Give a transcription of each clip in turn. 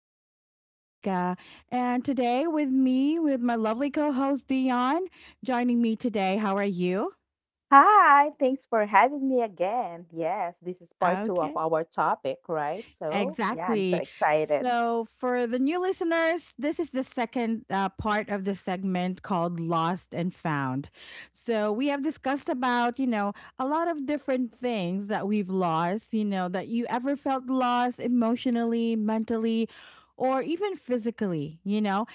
still your host, Nika. And today, with me, with my lovely co host, Dion, joining me today. How are you? Hi, thanks for having me again. Yes, this is part two of Okay. our topic, right? So, yeah, I'm so Exactly. excited. So, for the new listeners, this is the second part of the segment called Lost and Found. So, we have discussed about, you know, a lot of different things that we've lost, you know, that you ever felt lost emotionally, mentally, or even physically, you know,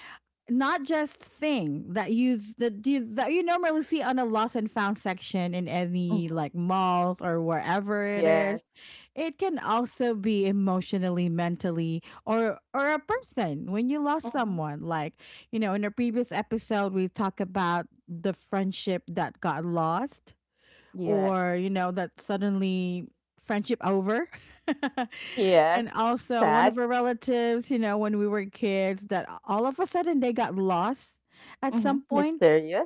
not just thing that you normally see on a lost and found section in any Hmm. like malls or wherever it is. Yes. It can also be emotionally, mentally, or a person when you lost Hmm. someone. Like, you know, in a previous episode we talk about the friendship that got lost or, yes, you know, that suddenly friendship over. yes. And also Sad. one of our relatives, you know, when we were kids that all of a sudden they got lost at Hmm, some point. mysterious.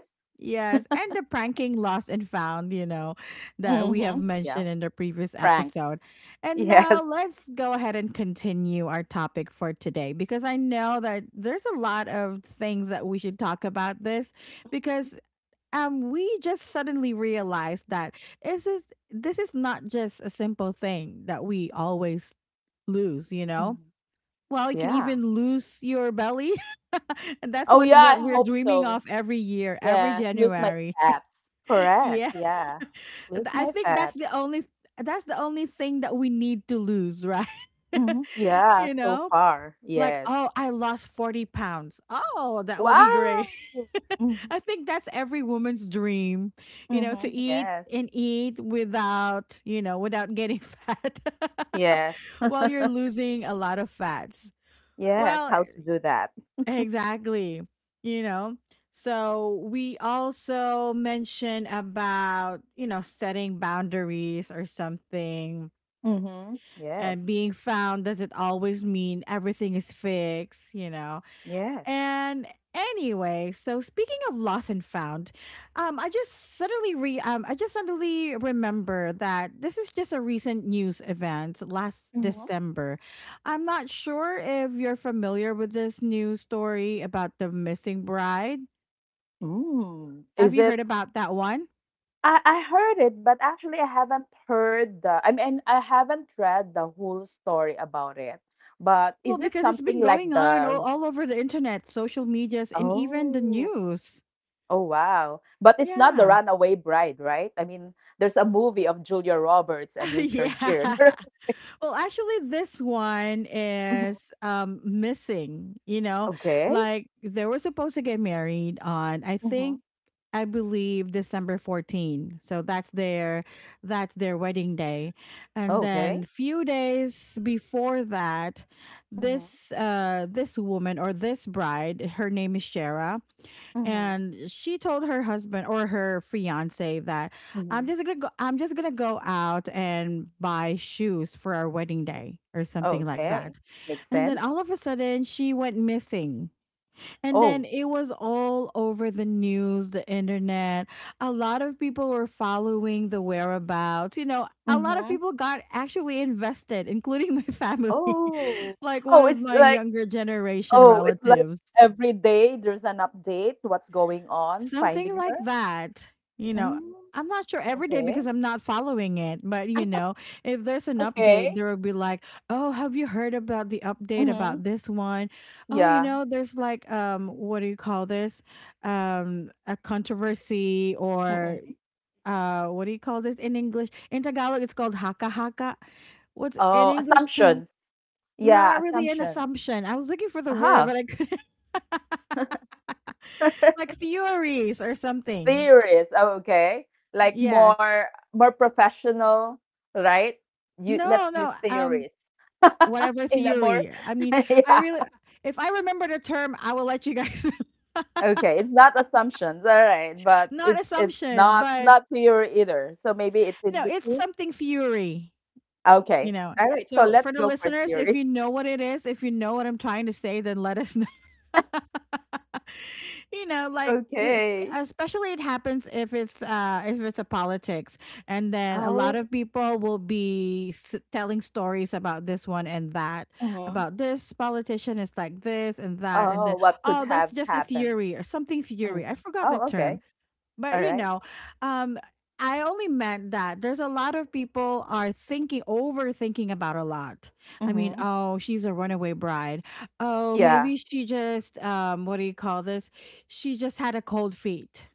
Yes, and the pranking lost and found, you know, that we Hmm, have yeah, mentioned in the previous pranks. episode. And now Yes. let's go ahead and continue our topic for today because I know that there's a lot of things that we should talk about this because we just suddenly realized that is this this is not just a simple thing that we always lose, you know? Mhm. Well, you can Yeah. even lose your belly. And that's Oh, what yeah, what I we're hope dreaming so. of every year, every Yes, lose my January. fats. Correct, Yeah. yeah. Th- Lose I my think that's fats. the only that's the only thing that we need to lose, right? Hmm. Yeah, You so know? far. Like, Yes. oh, I lost 40 pounds. Oh, that will be Wow. great. Mm-hmm. I think that's every woman's dream, you know, to Mm-hmm. eat Yes. and eat without, you know, without getting fat Yes. while you're losing a lot of fats. Yes, Well, how to do that. exactly. You know, so we also mentioned about, you know, setting boundaries or something, Mm-hmm. and Yes. being found doesn't always mean everything is fixed, you know. Yes. And anyway, so speaking of lost and found, I just suddenly remember that this is just a recent news event last Hmm. December. I'm not sure if you're familiar with this news story about the missing bride. Mm. Have Is you heard it? about that one? I heard it, but actually I haven't heard I mean, I haven't read the whole story about it. But Well, is it because it's something been like going on all, the, all over the internet, social medias, and even the oh, news. oh wow. But it's not the Yeah. Runaway Bride, right? I mean, there's a movie of Julia Roberts and Richard Yeah. Gere. Well, actually, this one Hmm. is missing. You know, Okay. like they were supposed to get married on Hmm. I believe December 14. So that's their wedding day. And then Okay. few days before that, Hmm. this this woman or this bride, her name is Shara, and she told her husband or her fiance that Hmm. I'm just gonna go out and buy shoes for our wedding day or something like Okay, that. makes And then sense. all of a sudden she went missing. And then Oh. it was all over the news, the internet. A lot of people were following the whereabouts. You know, a lot of Mhm. people got actually invested, including my family, Oh. like one Oh, of it's my like younger generation oh, it's like relatives. every day there's an update, what's going on, finding Something like her. that. You know, Mm. I'm not sure every day because Okay. I'm not following it, but you know, if there's an update, Okay. there will be like, "Oh, have you heard about the update about Mhm. this one? Oh, you Yeah. know, there's like what do you call this? A controversy or Mm-mm. What do you call this in English? In Tagalog it's called haka haka. What's an Oh, English term?" assumptions. Yeah, Not really an assumptions. assumption. I was looking for the word, but Aha. I couldn't. Like theories or something. Theories. Oh, okay. Like Yes. more professional, right? You No, let's no. use theories. Whatever In a more theory. I mean, I yeah. really, if I remember the term, I will let you guys. Okay, it's not assumptions, all right, but Not it's assumption, not but not theory either. So maybe it's in no, it's between. something theory. You Okay, know, all right. So so let's for the go for listeners, if theory. you know what it is, if you know what I'm trying to say, then let us know. You know, like it's- Okay. especially it happens if it's a politics, and then a lot Oh. of people will be telling stories about this one and that, Mhm. about this politician is like this and that, and Oh, then what could oh that's have just a happened? theory or something theory. I Mm. forgot the Oh, term, okay. but All you right. know, um, I only meant that there's a lot of people are thinking, overthinking about a lot. I mean, Mm-hmm. oh, she's a runaway bride. Oh, Yeah. maybe she just, what do you call this? She just had a cold feet.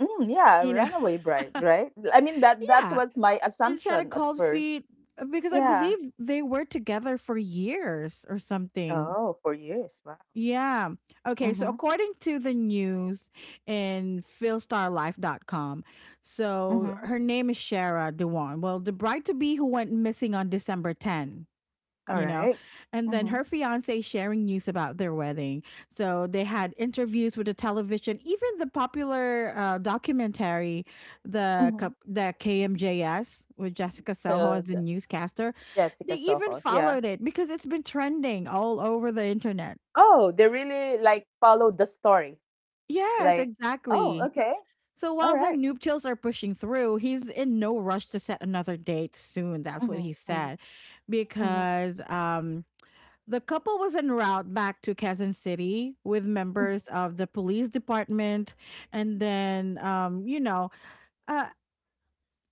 Mm, yeah. You know, Runaway bride, right? I mean that that yeah, was my she just had a assumption at cold first. feet because I Yeah. believe they were together for years or something. Oh, for years. Wow. Yeah. Okay. So, Mm-hmm. according to the news in com, so Mm-hmm. her name is Shara Dewan. Well, the bride to be who went missing on December 10, All you know, right. and then Mm-hmm. her fiance sharing news about their wedding. So, they had interviews with the television, even the popular documentary, the KMJS with Jessica Soho as the Mm-hmm. newscaster. They Jessica even Soho, yeah. followed it because it's been trending all over the internet. Oh, they really like followed the story. Yes, Like, oh, exactly. okay, So all while their right. noob tales are pushing through, he's in no rush to set another date soon. That's what he Mhm, mhm, said. mhm, Because the couple was en route back to Quezon City with mhm. members of the police department. And then, uh,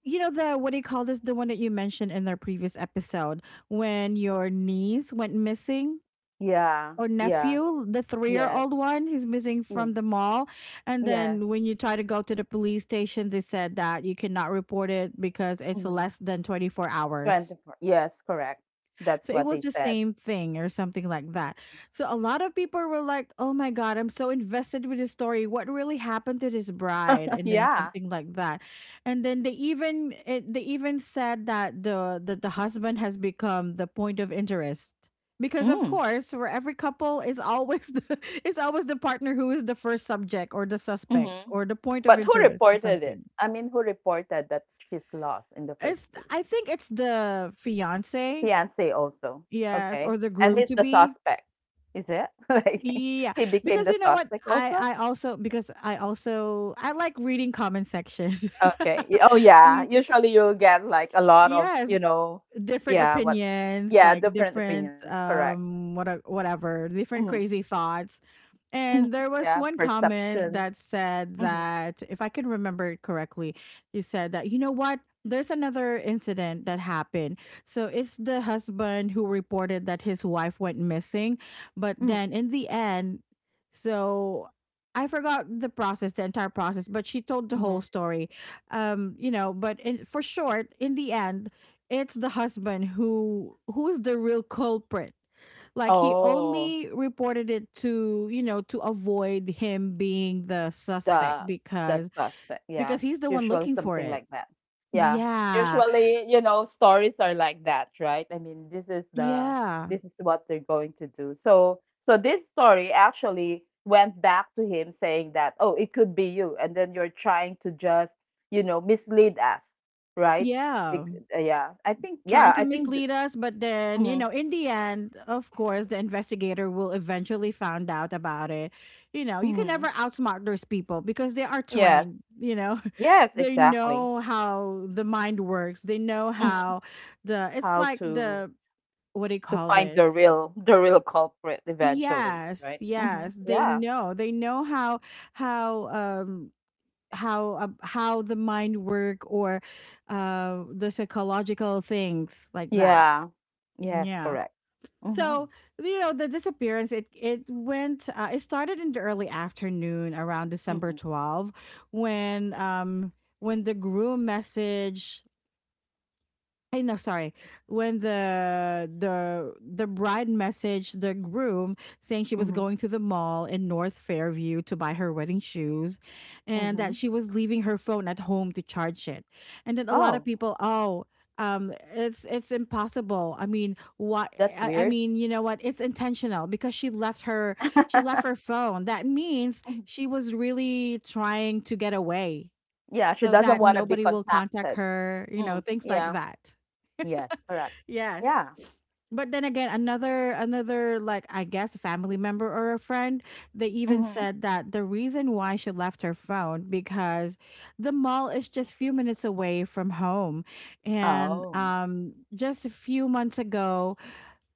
you know, the what do you call this? The one that you mentioned in their previous episode when your niece went missing Yeah, or yes, nephew, the 3 year yes, old one, he's missing yeah, from the mall. And yes. then when you try to go to the police station, they said that you cannot report it because it's Mhm. less than 24 hours. 24. Yes, correct. That's So it what was they the said. same thing or something like that. So a lot of people were like, "Oh my god, I'm so invested with this story. What really happened to this bride?" And then Yeah. something like that. And then they even it, they even said that the husband has become the point of interest. Because of Mm, course, for every couple is always the is always the partner who is the first subject or the suspect mhm. or the point of But who interest or reported it? something. I mean, who reported that she's lost in the first It's place? I think it's the fiance, Fiance also. yes, Okay. or the And groom he's to the be. suspect. Is it? Like, Yeah, he became because the you know what? suspect I also? I also because I also I like reading comment sections. Okay. Y- Oh I yeah. mean, Usually you'll get like a lot of, yes, you know, different yeah, what opinions, yeah, like different different opinions, correct. What whatever, Hmm. different crazy thoughts. Hmm. And there Yeah, was one perception. comment that said Hmm. that, if I can remember it correctly, he said that, you know what? There's another incident that happened. So it's the husband who reported that his wife went missing. But Hmm. then in the end, so I forgot the process, the entire process, but she told the Hmm. whole story. You know, but in, for short, in the end, it's the husband who's the real culprit, like he Oh. only reported it to, you know, to avoid him being the suspect The the suspect, because yes, he's the one usually looking for something it. like that. Yeah, Yeah. usually, you know, stories are like that, right? I mean, this is the Yeah. this is what they're going to do. So, so this story actually went back to him saying that, "Oh, it could be you," and then you're trying to just, you know, mislead us, right? Yeah. Bec- yeah, I think, yeah, Trying to I think. mislead us, but then, you Mhm, know, in the end, of course, the investigator will eventually find out about it. You know, you can mhm. never outsmart those people because they are Yes, trained, you know. yes, They exactly. know how the mind works. They know Mhm. how the it's How like the what do you to call find the this? real the real culprit eventually, Yes, right? Mm-hmm. yes. They Yeah. know. They know how um how the mind work or the psychological things like that. Yeah. Yes, Yeah. correct. Mm-hmm. So, you know, the disappearance it went it started in the early afternoon around December Mm-hmm. twelfth, when um when the groom message I know, sorry. When the bride messaged the groom saying she was Mm-hmm. going to the mall in North Fairview to buy her wedding shoes and Mm-hmm. that she was leaving her phone at home to charge it. And then a lot of Oh, people, oh, it's impossible. I mean, that's I weird. mean, you know what? It's intentional because she left her phone. That means Mhm. she was really trying to get away Yeah, she so doesn't that want to be nobody will contact contacted. her, you know, Mm. things like Yeah. that. Yes, correct. Yes. Yeah. But then again, another like I guess family member or a friend, they even Mm-hmm. said that the reason why she left her phone because the mall is just few minutes away from home. And Oh. Just a few months ago,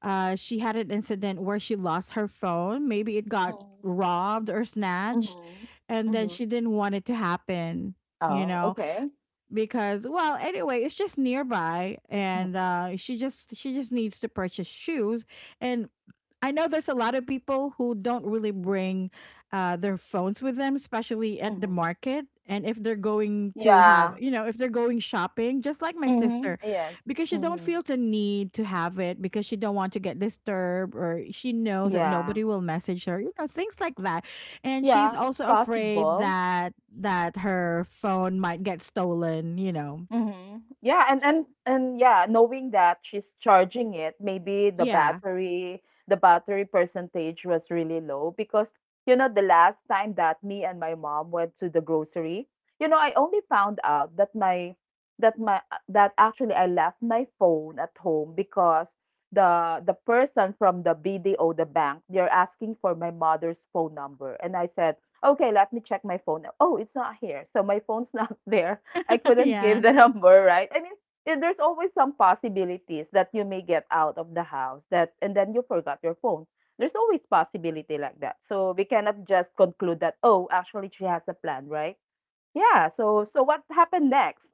she had an incident where she lost her phone. Maybe it got Mm-hmm. robbed or snatched, Mm-hmm. and then Mm-hmm. she didn't want it to happen. You Oh, know, okay. because well anyway it's just nearby Mm-hmm. and she just needs to purchase shoes, and I know there's a lot of people who don't really bring their phones with them, especially at the Mm-hmm. market. And if they're going to have, Yeah. If they're going shopping, just like my Mm-hmm. sister, Yes. because she don't Mm-hmm. feel the need to have it because she don't want to get disturbed or she knows that Yeah. nobody will message her, you know, things like that. And she's Yeah, it's also afraid possible. that her phone might get stolen, you know. Mhm. Yeah, and and yeah, knowing that she's charging it, maybe the Yeah. battery the battery percentage was really low because you know the last time that me and my mom went to the grocery, you know, I only found out that my that my that actually I left my phone at home because the person from the BDO the bank, they're asking for my mother's phone number and I said, "Okay, let me check my phone." Oh, it's not here. So my phone's not there. I couldn't yeah. give the number, right? I mean, eh, there's always some possibilities that you may get out of the house that and then you forgot your phone. There's always possibility like that. So we cannot just conclude that, oh, actually she has a plan, right? Yeah. So so what happened next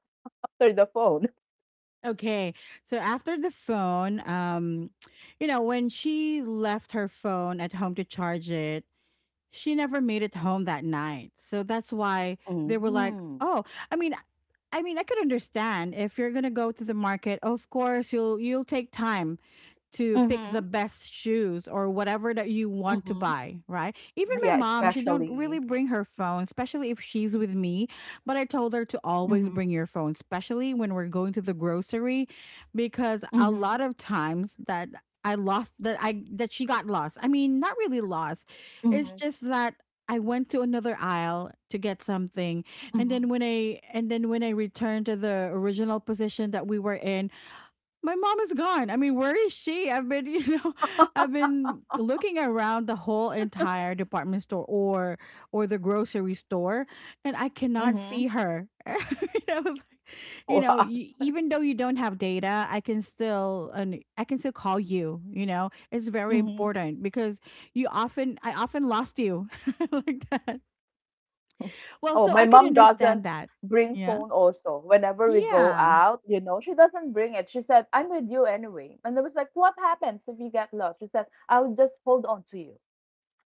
after the phone? Okay. So after the phone, you know, when she left her phone at home to charge it, she never made it home that night. So that's why they were like, Mm-hmm. "Oh, I mean, I mean, I could understand if you're gonna go to the market. Of course, you'll take time to pick the Mm-hmm. best shoes or whatever that you want to Mm-hmm. buy, right? Even my Yeah, mom, she don't especially. really bring her phone, especially if she's with me, but I told her to Mm-hmm. always bring your phone, especially when we're going to the grocery because Mm-hmm. a lot of times that I lost that I that she got lost. I mean, not really lost. Mm-hmm. It's just that I went to another aisle to get something Mm-hmm. and then when I returned to the original position that we were in, my mom is gone. I mean, where is she? I've been, you know, I've been looking around the whole entire department store or the grocery store, and I cannot Mm-hmm. see her. I was like, you know, Wow. Even though you don't have data, I can still call you. You know, it's very important because you often I often lost you like that. Well, Oh, so my I could mom doesn't understand that. bring Yeah. phone also. Whenever we go Yeah. out, you know, she doesn't bring it. She said, I'm with you anyway. And I was like, what happens if you get lost? She said, I'll just hold on to you.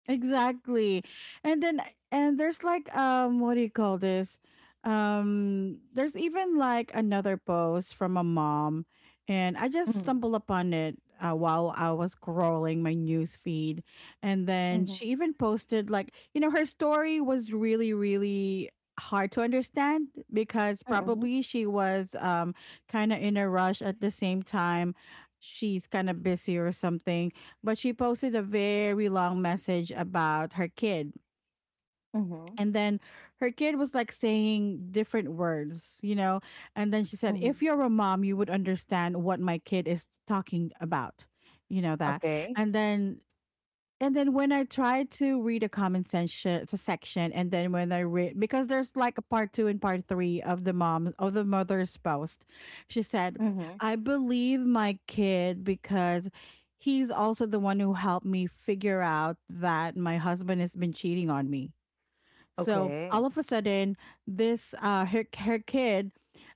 Exactly. And then and there's like what do you call this? There's even like another post from a mom and I just Mm. stumbled upon it while I was scrolling my news feed, and then Mhm. she even posted like, you know, her story was really really hard to understand because Mhm. probably she was kind of in a rush. At the same time she's kind of busy or something, but she posted a very long message about her kid. Mhm. And then her kid was like saying different words, you know. And then she said, "If Mhm. you're a mom, you would understand what my kid is talking about, you know, that." Okay. And then and then when I tried to read a comment section, it's a section, and then when I read, because there's like a part two and part three of the mom of the mother's post, she said, Mhm. "I believe my kid because he's also the one who helped me figure out that my husband has been cheating on me." So all Okay. of a sudden, this her kid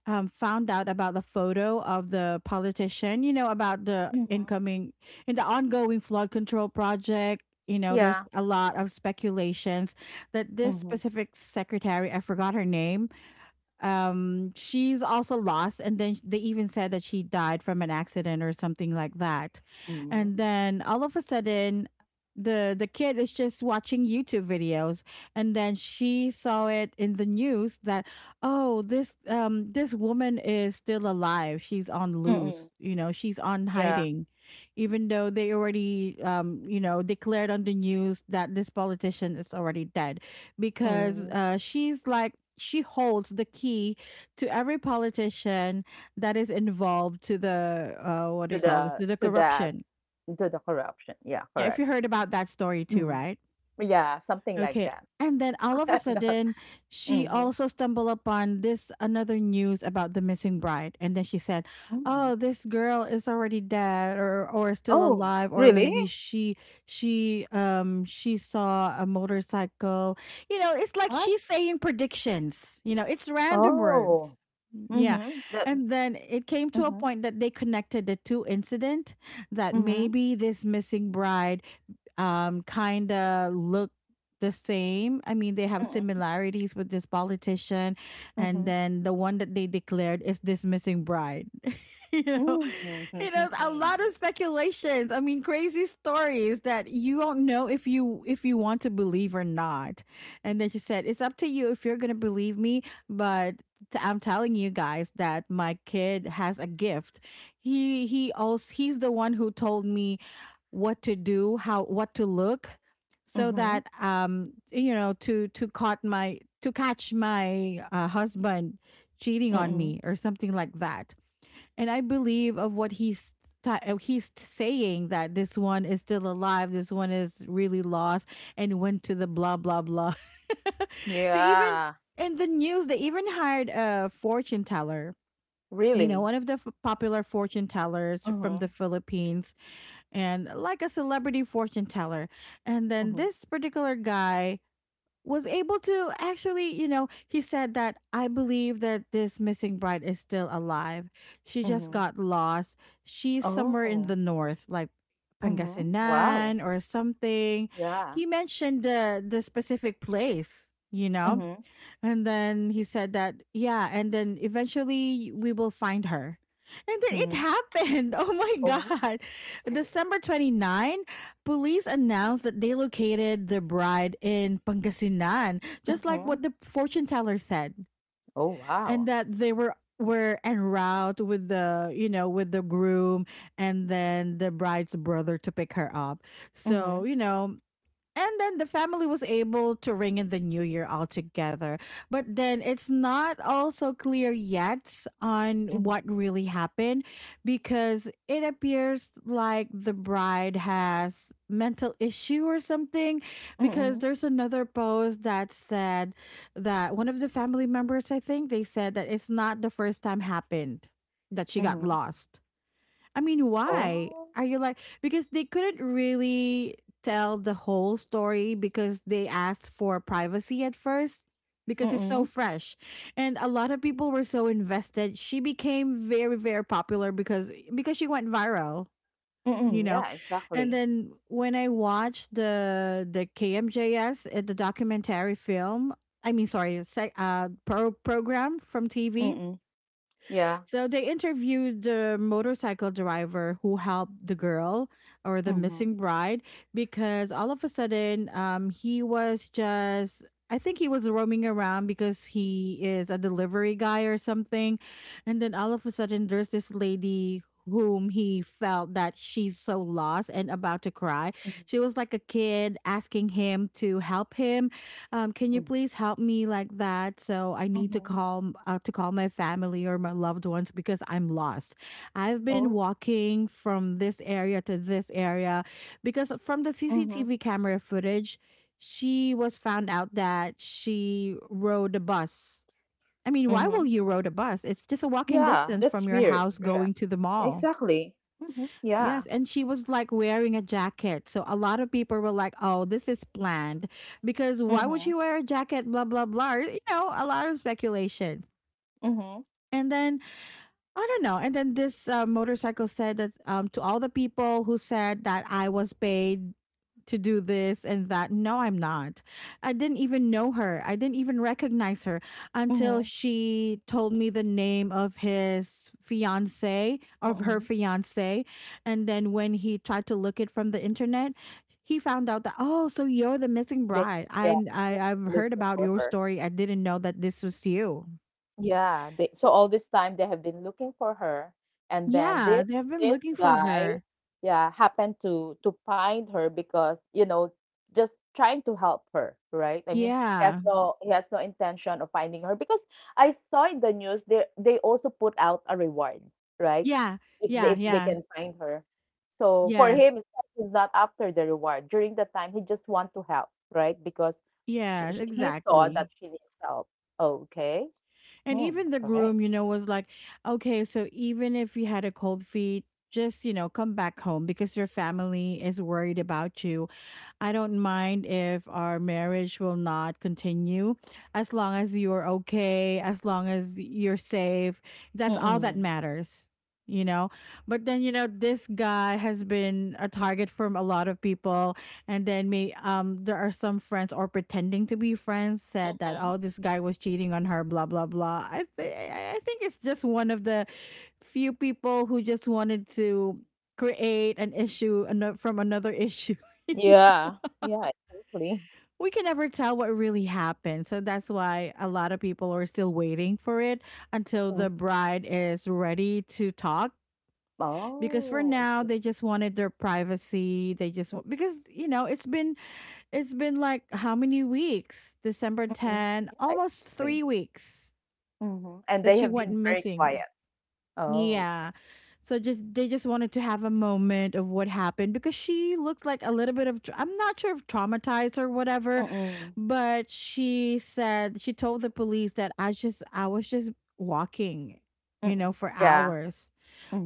found out about the photo of the politician. You know about the Mhm. incoming in the ongoing flood control project. You know, Yeah. there's a lot of speculations that this Mhm. specific secretary, I forgot her name, she's also lost, and then they even said that she died from an accident or something like that. Mhm. And then all of a sudden, the kid is just watching YouTube videos, and then she saw it in the news that, oh, this this woman is still alive, she's on Mhm. loose, you know, she's on Yeah. hiding, even though they already you know declared on the news that this politician is already dead because Mhm. She's like she holds the key to every politician that is involved to the, what do To you call this, the to the to that corruption. to the corruption. Yeah, Yeah, if correct. you heard about that story too, Mhm. right? Yeah, something like Okay. that. And then all of a Not- sudden, she Mhm. also stumbled upon this another news about the missing bride. And then she said, Mhm. "Oh, this girl is already dead, or still Oh, alive, or really? maybe she she saw a motorcycle." You know, it's like What? she's saying predictions. You know, it's random Oh. words. Yeah. Mm-hmm. That And then it came to a mm-hmm. point that they connected the two incident, that Mm-hmm. maybe this missing bride kind of look the same. I mean, they have Mm-hmm. similarities with this politician, and Mm-hmm. then the one that they declared is this missing bride. You know, Mm-hmm. you know, a lot of speculations. I mean, crazy stories that you do not know if you want to believe or not. And then she said, "It's up to you if you're gonna believe me, but." I'm telling you guys that my kid has a gift. He's the one who told me what to do, how what to look, so Mm-hmm. that you know to caught my to catch my husband cheating on Mm-hmm. me or something like that, and I believe of what he's saying that this one is still alive, this one is really lost and went to the blah blah blah. They even Yeah, in the news they even hired a fortune teller. You know, really. one of the popular fortune tellers from the Mm-hmm. Philippines, and like a celebrity fortune teller. And then Mm-hmm. this particular guy was able to actually, you know, he said that, "I believe that this missing bride is still alive. She just Mm-hmm. got lost. She's somewhere in Oh. the north, like Mm-hmm. Wow. Pangasinan or something." Yeah. He mentioned the specific place, you know. Mm-hmm. And then he said that, yeah, and then eventually we will find her. And then it Mm-hmm. happened. Oh my Oh. God. December 29, police announced that they located the bride in Pangasinan, just like Mm-hmm. what the fortune teller said, Oh, and wow. that they were en route with the, you know, with the groom and then the bride's brother to pick her up, so Mm-hmm. you know, and then the family was able to ring in the new year altogether. But then it's not also clear yet on what Mm-hmm. really happened because it appears like the bride has mental issue or something, because Mm-hmm. there's another post that said that one of the family members, I think they said that it's not the first time happened that she got Mm-hmm. lost. I mean, why Oh. are you like? Because they couldn't really tell the whole story because they asked for privacy at first because it's so Mm-hmm. fresh. And a lot of people were so invested. She became very, very popular because she went viral, you Mm-hmm. know. Yeah, And exactly. then when I watched the KMJS, the documentary film, I mean, sorry, program from TV, Mm-hmm. Yeah. so they interviewed the motorcycle driver who helped the girl or the Mm-hmm. missing bride, because all of a sudden he was just. I think he was roaming around because he is a delivery guy or something. And then all of a sudden, there's this lady whom he felt that she's so lost and about to cry. Mm-hmm. She was like a kid asking him to help him, can you Mm-hmm. please help me like that? So I need to Mhm. call, to call my family or my loved ones because I'm lost. I've been Oh. walking from this area to this area, because from the Mhm. CCTV camera footage, she was found out that she rode a bus. I mean, why will Mhm. you rode a bus? It's just a walking Yeah, distance that's from your weird. house Yeah. going to the mall. Exactly. Mhm. Yes, Yeah. and she was like wearing a jacket. So a lot of people were like, "Oh, this is planned. Because why would Mhm. she wear a jacket, blah blah blah?" You know, a lot of speculations. Mhm. And then I don't know. And then this motorcycle said that, "To all the people who said that I was paid to do this and that, no, I'm not. I didn't even know her. I didn't even recognize her until Mhm. she told me the name of his fiance, of her Mhm. fiance." And then when he tried to look it from the internet, he found out that, oh, so you're the missing They bride. yeah, they're I've heard looking about for your her. story. I didn't know that this was you. Yeah, they so all this time they have been looking for her, and then Yeah, this they have been this looking for guy, her. yeah, happened to find her because, you know, just trying to help her, right? I mean, he has Yeah. no he has no intention of finding her because I saw in the news they also put out a reward, right? Yeah. Yeah. If they Yeah. can find her. So for Yes. him, it's like he's not after the reward. During the time, he just want to help, right? Because sh Yeah, sh he saw exactly. that she needs help. Okay. And Hmm, even the correct. groom, you know, was like, okay, so even if you had a cold feet, just, you know, come back home because your family is worried about you. I don't mind if our marriage will not continue as long as you're okay, as long as you're safe. That's all that Mm-mm. matters, you know? But then, you know, this guy has been a target from a lot of people. And then me, there are some friends or pretending to be friends said that, Mhm. oh, this guy was cheating on her, blah, blah, blah. I, th- I think it's just one of the few people who just wanted to create an issue from another issue. Yeah. Yeah, exactly. We can never tell what really happened. So that's why a lot of people are still waiting for it until the Mm. bride is ready to talk. Because for Oh, I now, see. they just wanted their privacy. They just want because it's been like how many weeks? December Mhm. ten, Yeah, almost three exactly. weeks Mm-hmm. And that they she have went been very missing. quiet. Oh. Yeah. So just they just wanted to have a moment of what happened because she looks like a little bit of I'm not sure if traumatized or whatever, Mm-mm. but she said she told the police that I was just walking, Mm-mm. for Yeah. hours.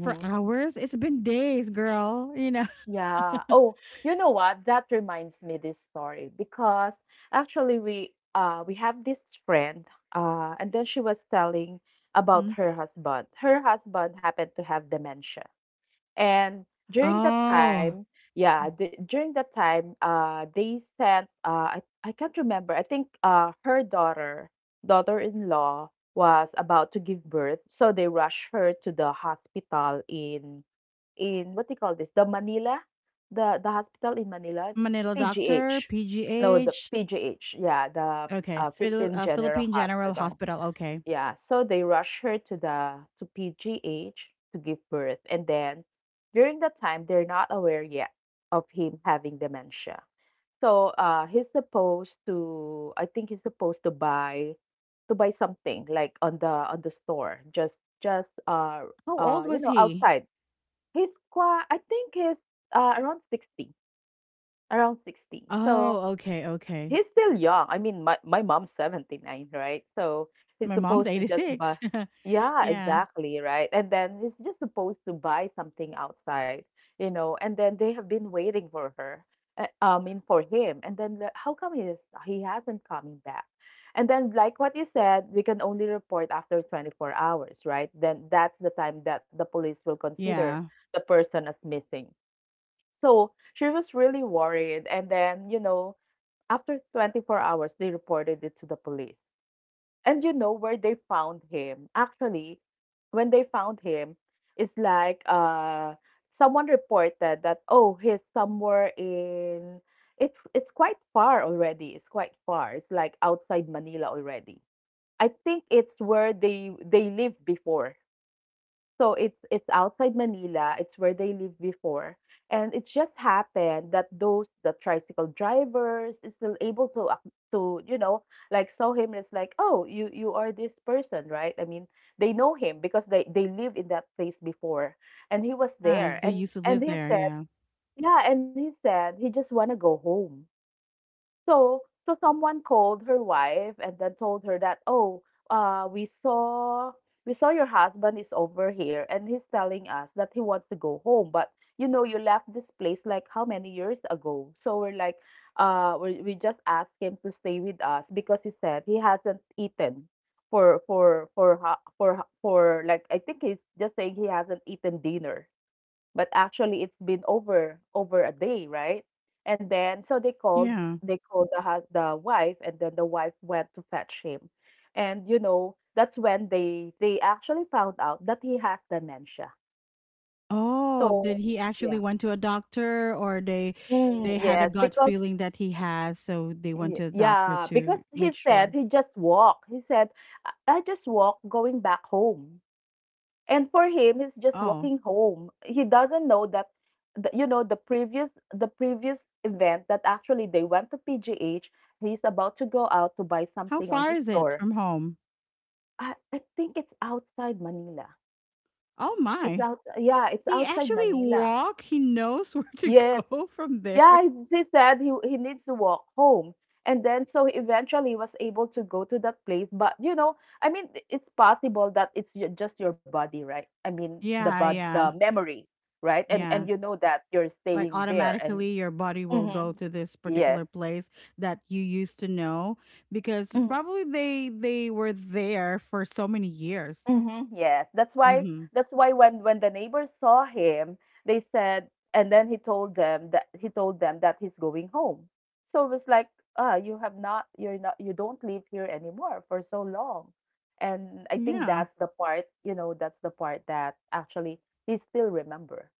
For hours? It's been days, girl. Yeah. Oh, you know what? That reminds me this story because actually we have this friend and then she was telling about Mhm. her husband. Her husband happened to have dementia. And during that Oh, time, yeah, d during that time, they sent, I can't remember. I think her daughter, daughter-in-law, was about to give birth, so they rushed her to the hospital in what do you call this? The Manila, the hospital in Manila, Manila doctor, PGH. No, the PGH. PGH. Yeah, the Okay, Philippine General Philippine General Hospital. Hospital. Okay. Yeah, so they rush her to the to PGH to give birth, and then during that time they're not aware yet of him having dementia. So he's supposed to, I think he's supposed to buy something like on the store, just just uh How uh old you was know he? outside. He's quite, I think he's around 60, around 60. So Oh, okay, okay. he's still young. I mean, my mom's 79, right? So he's My mom's supposed to just buy. 86. Yeah, Yeah. exactly, right? And then he's just supposed to buy something outside, you know, and then they have been waiting for her, I mean, for him. And then how come he is, he hasn't coming back? And then, like what you said, we can only report after 24 hours, right? Then that's the time that the police will consider Yeah. the person as missing. So she was really worried. And then, you know, after 24 hours, they reported it to the police. And you know where they found him? Actually, when they found him, it's like someone reported that oh he's somewhere in it's quite far already. It's quite far. It's like outside Manila already. I think it's where they lived before. So it's outside Manila. It's where they lived before. And it just happened that those the tricycle drivers is still able to you know, like saw him and it's like, "Oh, you are this person, right?" I mean, they know him because they lived in that place before. And he was I there. they And used to live he there, said, yeah. "Yeah, and he said he just want to go home." So, so someone called her wife and then told her that, oh, uh, we saw we saw your husband is over here and he's telling us that he wants to go home, but you know you left this place like how many years ago? So we're like, we just asked him to stay with us because he said he hasn't eaten for like I think he's just saying he hasn't eaten dinner but actually it's been over a day right and then so Yeah. they called the wife and then the wife went to fetch him and you know that's when they actually found out that he has dementia Oh, so did he yeah actually went to a doctor or mm, they had a yes gut because feeling that he has, so they went to a doctor yeah because to he make said sure? he just walked he said I just walked going back home. And for him, he's just Oh. walking home. He doesn't know that, the, you know, the previous event that actually they went to PGH. He's about to go out to buy How something on far the is it store. from home? I think it's outside Manila. Oh It's my. outside. Yeah, it's He outside actually Manila. walk. He knows where to Yes, go from there. yeah, he said he needs to walk home. And then so he eventually was able to go to that place. But you know, I mean, it's possible that just your body, right? I mean, Yeah, the yeah. memory, right? And Yeah. you know that you're Like staying there. And automatically your body will mhm. go to this Yes. particular place that you used to know because probably they were there for so many years. Mhm, yes. That's why Mhm. that's why when the neighbors saw him, they said, and then he told them that he's going home. So it was like, you have not you're not you don't live here anymore for so long. And I think Yeah. That's the part that actually he still remember,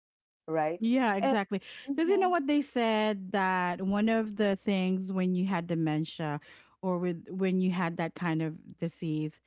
right? Yeah, And exactly. Because you mm-hmm, know what they said that one of the things when you had dementia or with when you had that kind of disease,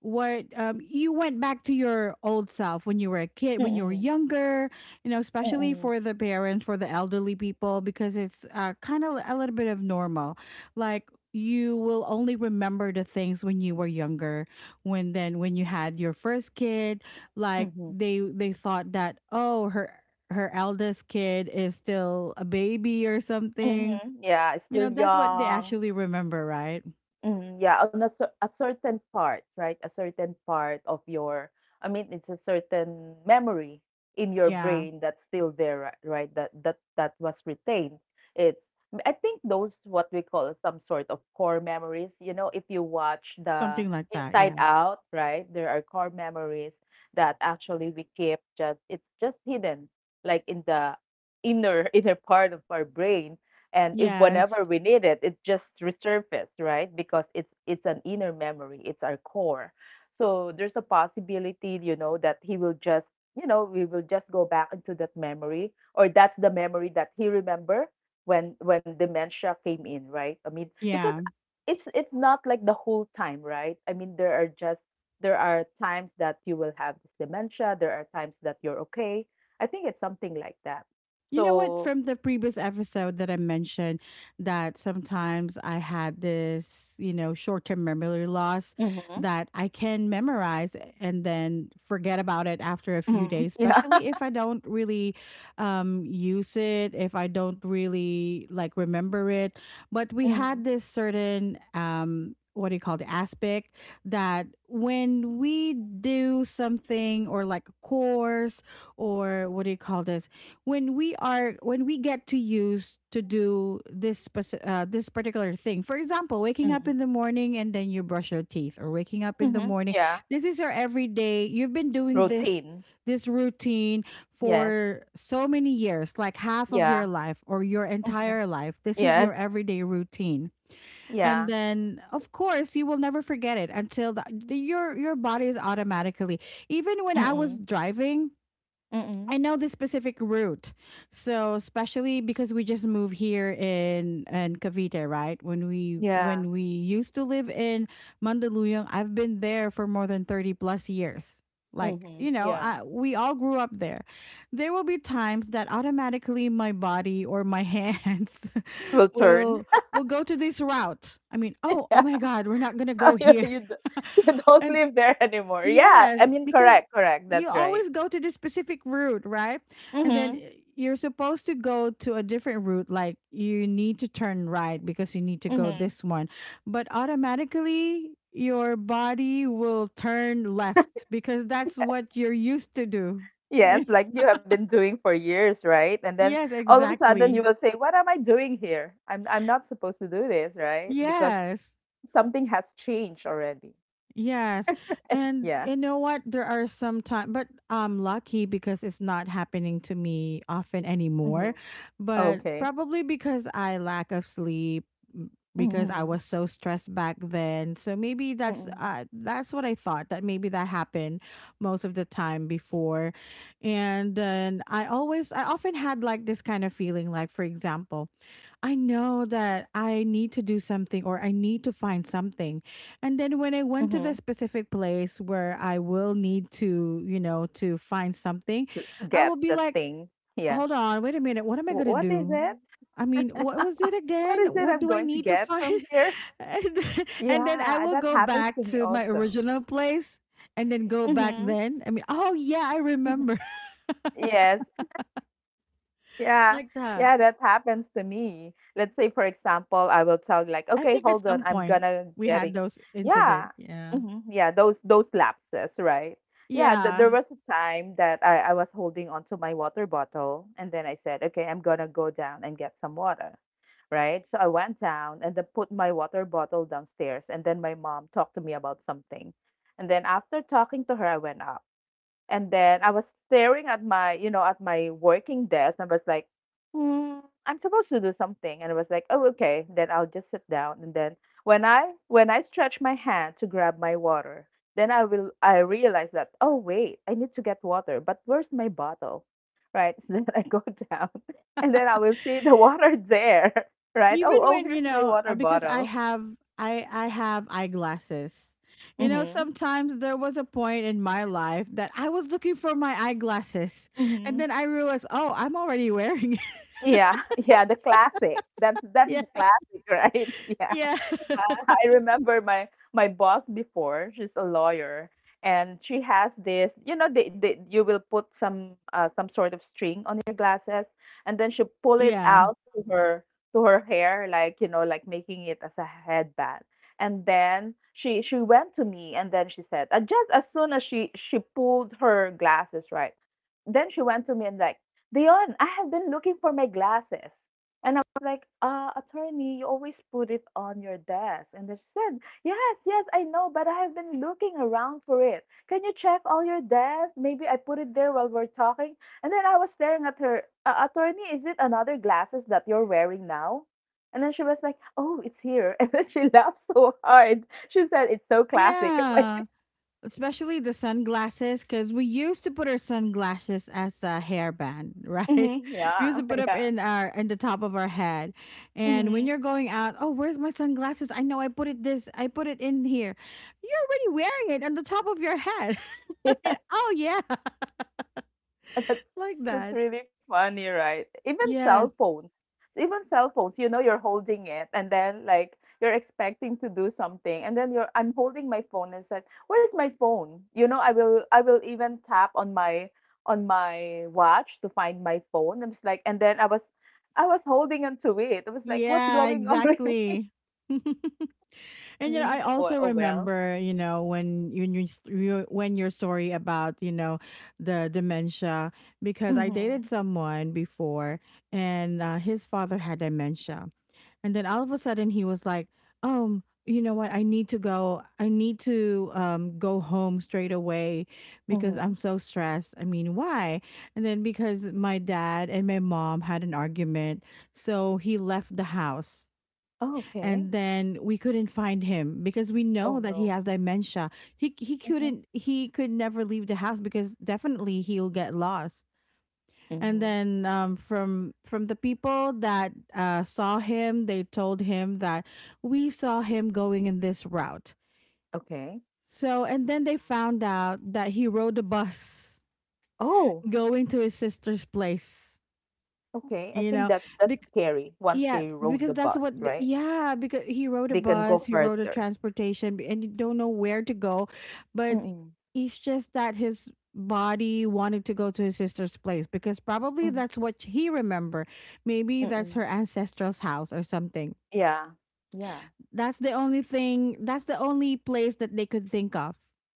what you went back to your old self when you were a kid, when you were mm-mm, younger, you know, especially for the parents, for the elderly people, because it's kind of a little bit of normal, like you will only remember the things when you were younger, when then when you had your first kid. Like mm-hmm, they thought that, oh, her eldest kid is still a baby or something, mm-hmm, yeah, you still know, that's what they young. actually remember, right? Mm, yeah, on a, a certain part, right? A certain part of your, I mean, it's a certain memory in your Yeah, brain that's still there, right? That was retained. It's, I think, those what we call some sort of core memories. You know, if you watch the something like that, Inside yeah. Out, right? There are core memories that actually we keep, just, it's just hidden, like in the inner inner part of our brain. And if Yes. whenever we need it just resurfaces, right? Because it's an inner memory, it's our core. So there's a possibility, you know, that he will just, you know, we will just go back into that memory, or that's the memory that he remember when dementia came in, right? I mean, because Yeah. it's not like the whole time, right? I mean, there are just, there are times that you will have this dementia. There are times that you're okay. I think it's something like that. You know what? So From the previous episode that I mentioned, that sometimes I had this, you know, short term memory loss, that I can memorize and then forget about it after a few mhm. days, Yeah. especially if I don't really use it, if I don't really like remember it. But we Mhm. had this certain, what do you call the aspect, that when we do something or like a course, or what do you call this? When we are when we get to use to do this this particular thing, for example, waking up Mhm. in the morning and then you brush your teeth, or waking up in the Mhm. morning, Yeah. this is your everyday, you've been doing this, Routine. this routine, Yes. for so many years, like half of your Yeah. life or your Mhm. entire life, this is Yes. your everyday routine. And Yeah. then of course you will never forget it, until the, your body is automatically. Even when I was Mm. driving, Mm. I know the specific route. So especially because we just moved here in Cavite, right? Yeah. When we used to live in Mandaluyong, I've been there for more than 30 plus years. Like, Mhm. you know, Yeah. I, we all grew up there. There will be times that automatically my body or my hands Will turn. will will go to this route. I mean, oh, Yeah. oh my god, we're not going to go You here. you d you don't And live there anymore. Yeah. I yes, mean, because correct, correct. you That's right. always go to this specific route, right? And then Mhm. You're supposed to go to a different route, like you need to turn right because you need to go Mhm. this one. But automatically, your body will turn left because that's what you're used to do. Yes, like you have been doing for years, right? And then Yes, all of a sudden you exactly. will say, "What am I doing here? I'm not supposed to do this, right?" Because Yes. something has changed already. Yes. And Yeah. you know what? There are some time but I'm lucky because it's not happening to me often anymore. Mhm. But Okay. probably because I lack of sleep, m- because I was Mhm. so stressed back then. So maybe Mm. That's what I thought that maybe that happened most of the time before. And then I often had like this kind of feeling, like for example, I know that I need to do something or I need to find something. And then when I went Mhm. to the specific place where I will need to, you know, to find To something, get the I will be thing. like, Yeah. hold on, wait a minute, "Wh what am what I going is to it? do? I mean, what was it What is again? it I'm What going do to I need to get from find? here?" And then Yeah, I that will go happens to back me to my also. original place and then go back Mhm. then. I mean, oh yeah, I Mhm. remember, Yes. Yeah, like that. yeah, that happens to me. Let's say, for example, I will tell you like, I okay, think at hold on, some I'm point gonna we had getting, those incident. yeah, Yeah. hmm, yeah, those lapses, right? Yeah, th Yeah. there was a time that I was holding onto my water bottle, and then I said, okay, I'm gonna go down and get some water, right? So I went down and then put my water bottle downstairs, and then my mom talked to me about something, and then after talking to her, I went up. And then I was staring at my, you know, at my working desk, and I was like, hmm, I'm supposed to do something. And I was like, oh, okay, then I'll just sit down. And then when I stretch my hand to grab my water, then I realize that, oh wait, I need to get water, but where's my bottle? Right. So then I go down and then I will see the water there. Right. Even Oh, oh, when, you here's my know, water because I bottle. have I have eyeglasses. You know, Mm-hmm. sometimes there was a point in my life that I was looking for my eyeglasses and Mm-hmm. then I realized, "Oh, I'm already wearing it." Yeah, yeah, the classic. That's that's Yeah. the classic, right? Yeah. Yeah. I remember my boss before. She's a lawyer, and she has this. You know, they you will put some sort of string on your glasses, and then she pull it Yeah. out to her hair, like, you know, like making it as a headband. And then she went to me, and then she said, just as soon as she pulled her glasses, right, then she went to me and like, "Dion, I have been looking for my glasses." And I was like, "Attorney, you always put it on your desk." And they said, "Yes, yes, I know, but I have been looking around for it. Can you check all your desk? Maybe I put it there while we're talking." And then I was staring at her, "Attorney, is it another glasses that you're wearing now?" And then she was like, "Oh, it's here." And then she laughed so hard. She said, "It's so classic." Like, Yeah. Especially the sunglasses, because we used to put our sunglasses as a hairband, right? We used yeah, to put up yeah. in our in the top of our head, and when Hmm. you're going out, oh, where's my sunglasses? I know I put it this I put it in here. You're already wearing it on the top of your head. I mean, oh yeah. That's Like that. that's really funny, right? Even cell Yes, phones. Even cell phones, you know, you're holding it and then like you're expecting to do something, and then you're I'm holding my phone and said, "Where's my phone?" You know, I will even tap on my watch to find my phone. I'm just like, and then I was holding on to it. I was like, "What's yeah, going on?" exactly. And I you know, mean, I also oh well. remember, you know, when when your story about, you know, the dementia, because I Mhm. dated someone before, and his father had dementia, and then all of a sudden he was like, You know what? I need to go. I need to go home straight away because I'm Mhm. so stressed. I mean, why? And then because my dad and my mom had an argument, so he left the house, Oh, and okay. then we couldn't find him because we know Oh that he no. has dementia. He Mhm. Could never leave the house because definitely he'll get lost. And Mhm. then from the people that saw him, they told him that we saw him going in this route. Okay. So and then they found out that he rode the bus Oh. going to his sister's place. Okay, I You know. think that's scary once they Yeah, rode the because that's bus, what the, right? yeah, because he rode a They can go bus, he rode a further. And you don't know where to go, but Mm-mm. it's just that his body wanted to go to his sister's place because probably Mm-mm. that's what he remember. Maybe that's her Mm-mm. ancestral's house or something. Yeah. Yeah. That's the only thing. That's the only place that they could think of.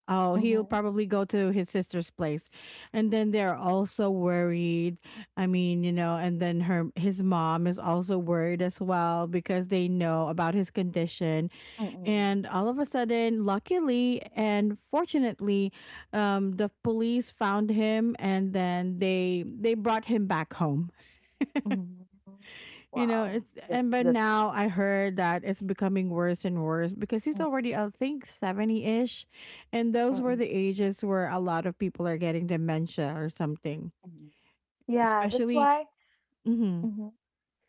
Oh, he'll Mm-hmm. probably go to his sister's place, and then they're also worried. I mean, you know, and then her his mom is also worried as well because they know about his condition. Mm-mm. And all of a sudden, luckily and fortunately, the police found him, and then they brought him back home. Mm-hmm. You know, Wow. it's, That's and but that's. now I heard that it's becoming worse and worse because he's Mm-mm. already I think 70-ish, and those were Mm-mm. the ages where a lot of people are getting dementia or something. Yeah, that's Especially, why. mhm. Mm-hmm.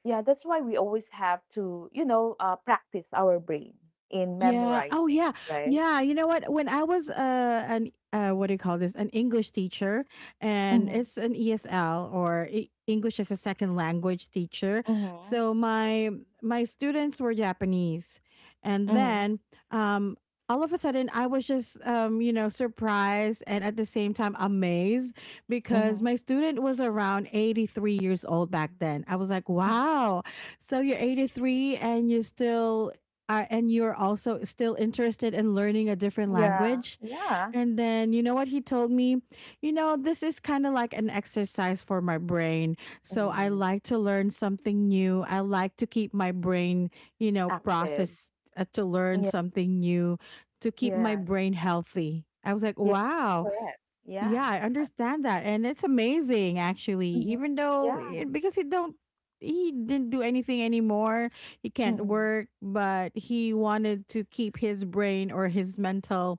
Yeah, that's why we always have to, you know, practice our brain in Yeah. Oh, memorizing, yeah. right? Yeah. You know what? When I was an what do you call this? An English teacher, and Mm-hmm. it's an ESL or English as a second language teacher. Mm-hmm. So my students were Japanese, and Mm-hmm. then um, all of a sudden I was just you know, surprised and at the same time amazed, Mm-hmm. because my student was around 83 years old back then. I was like, wow. So you're 83 and you still and you're also still interested in learning a different Yeah. language. Yeah. And then, you know what he told me? You know, this is kind of like an exercise for my brain. So I Mm. like to learn something new. I like to keep my brain, you know, Active. process, to learn something new, to keep my Yes. brain healthy. I was like, Yeah, wow. correct. Yeah, Yeah. I understand that. And it's amazing actually, Mhm. even though Yeah. it, because he don't, he didn't do anything anymore. He can't Mm-mm. work, but he wanted to keep his brain or his mental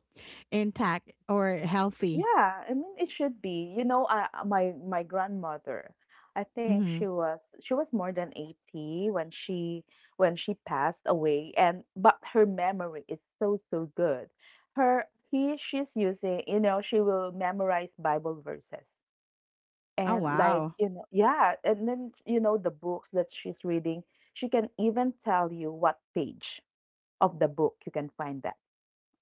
intact or healthy. Yeah, I mean, it should be. You know, my grandmother, I think Hmm. she was more than 80 when she passed away, and but her memory is so, so good. Her he she's using, you know, she will memorize Bible verses. Oh And like, wow. you know, yeah, and then you know the books that she's reading, she can even tell you what page of the book you can find that.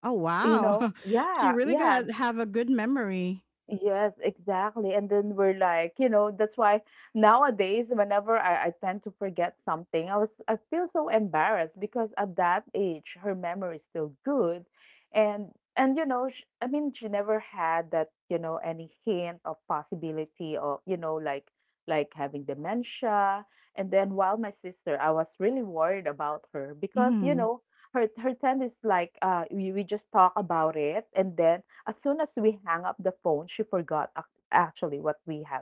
Oh You wow. know? She Yeah, really yeah. got have a good memory. Yes, exactly. And then we're like, you know, that's why nowadays, whenever I tend to forget something, I feel so embarrassed because at that age, her memory is still good, and and you know, sh I mean, she never had that, you know, any hint of possibility of, you know, like having dementia. And then while my sister, I was really worried about her because, you Hmm. know, her tendency is like, we just talk about it, and then as soon as we hung up the phone, she forgot actually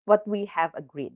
what we have agreed.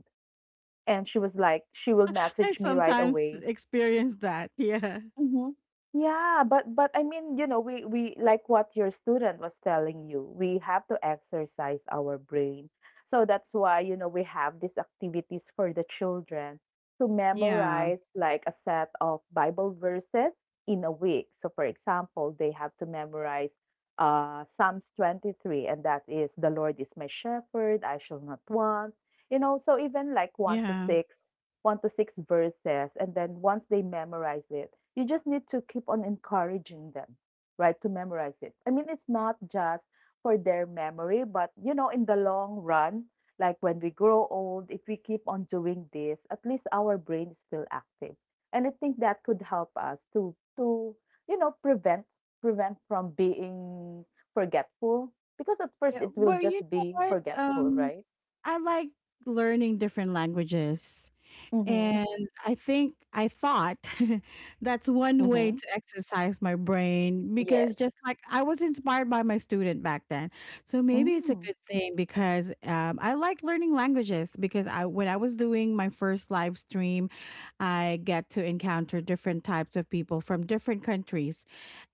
And she was like, she will I message me right sometimes away. experience that. Yeah. Mhm. Yeah, but I mean, you know, we like what your student was telling you. We have to exercise our brain. So that's why, you know, we have these activities for the children to Yeah. memorize, like, a set of Bible verses in a week. So for example, they have to memorize Psalms 23, and that is, "The Lord is my shepherd, I shall not want." You know, so even like 1 to Yeah. 6, one to six verses, and then once they memorize it, you just need to keep on encouraging them, right, to memorize it. I mean, it's not just for their memory, but, you know, in the long run, like when we grow old, if we keep on doing this, at least our brain is still active. And I think that could help us to, you know, prevent from being forgetful, because at first Yeah, it will but you just know be what? forgetful, right? I like learning different languages. Mm-hmm. And I think I thought that's one Mm-hmm. way to exercise my brain, Yes. because just like I was inspired by my student back then. So maybe it's a Mm. good thing because I like learning languages, because I when I was doing my first live stream, I get to encounter different types of people from different countries,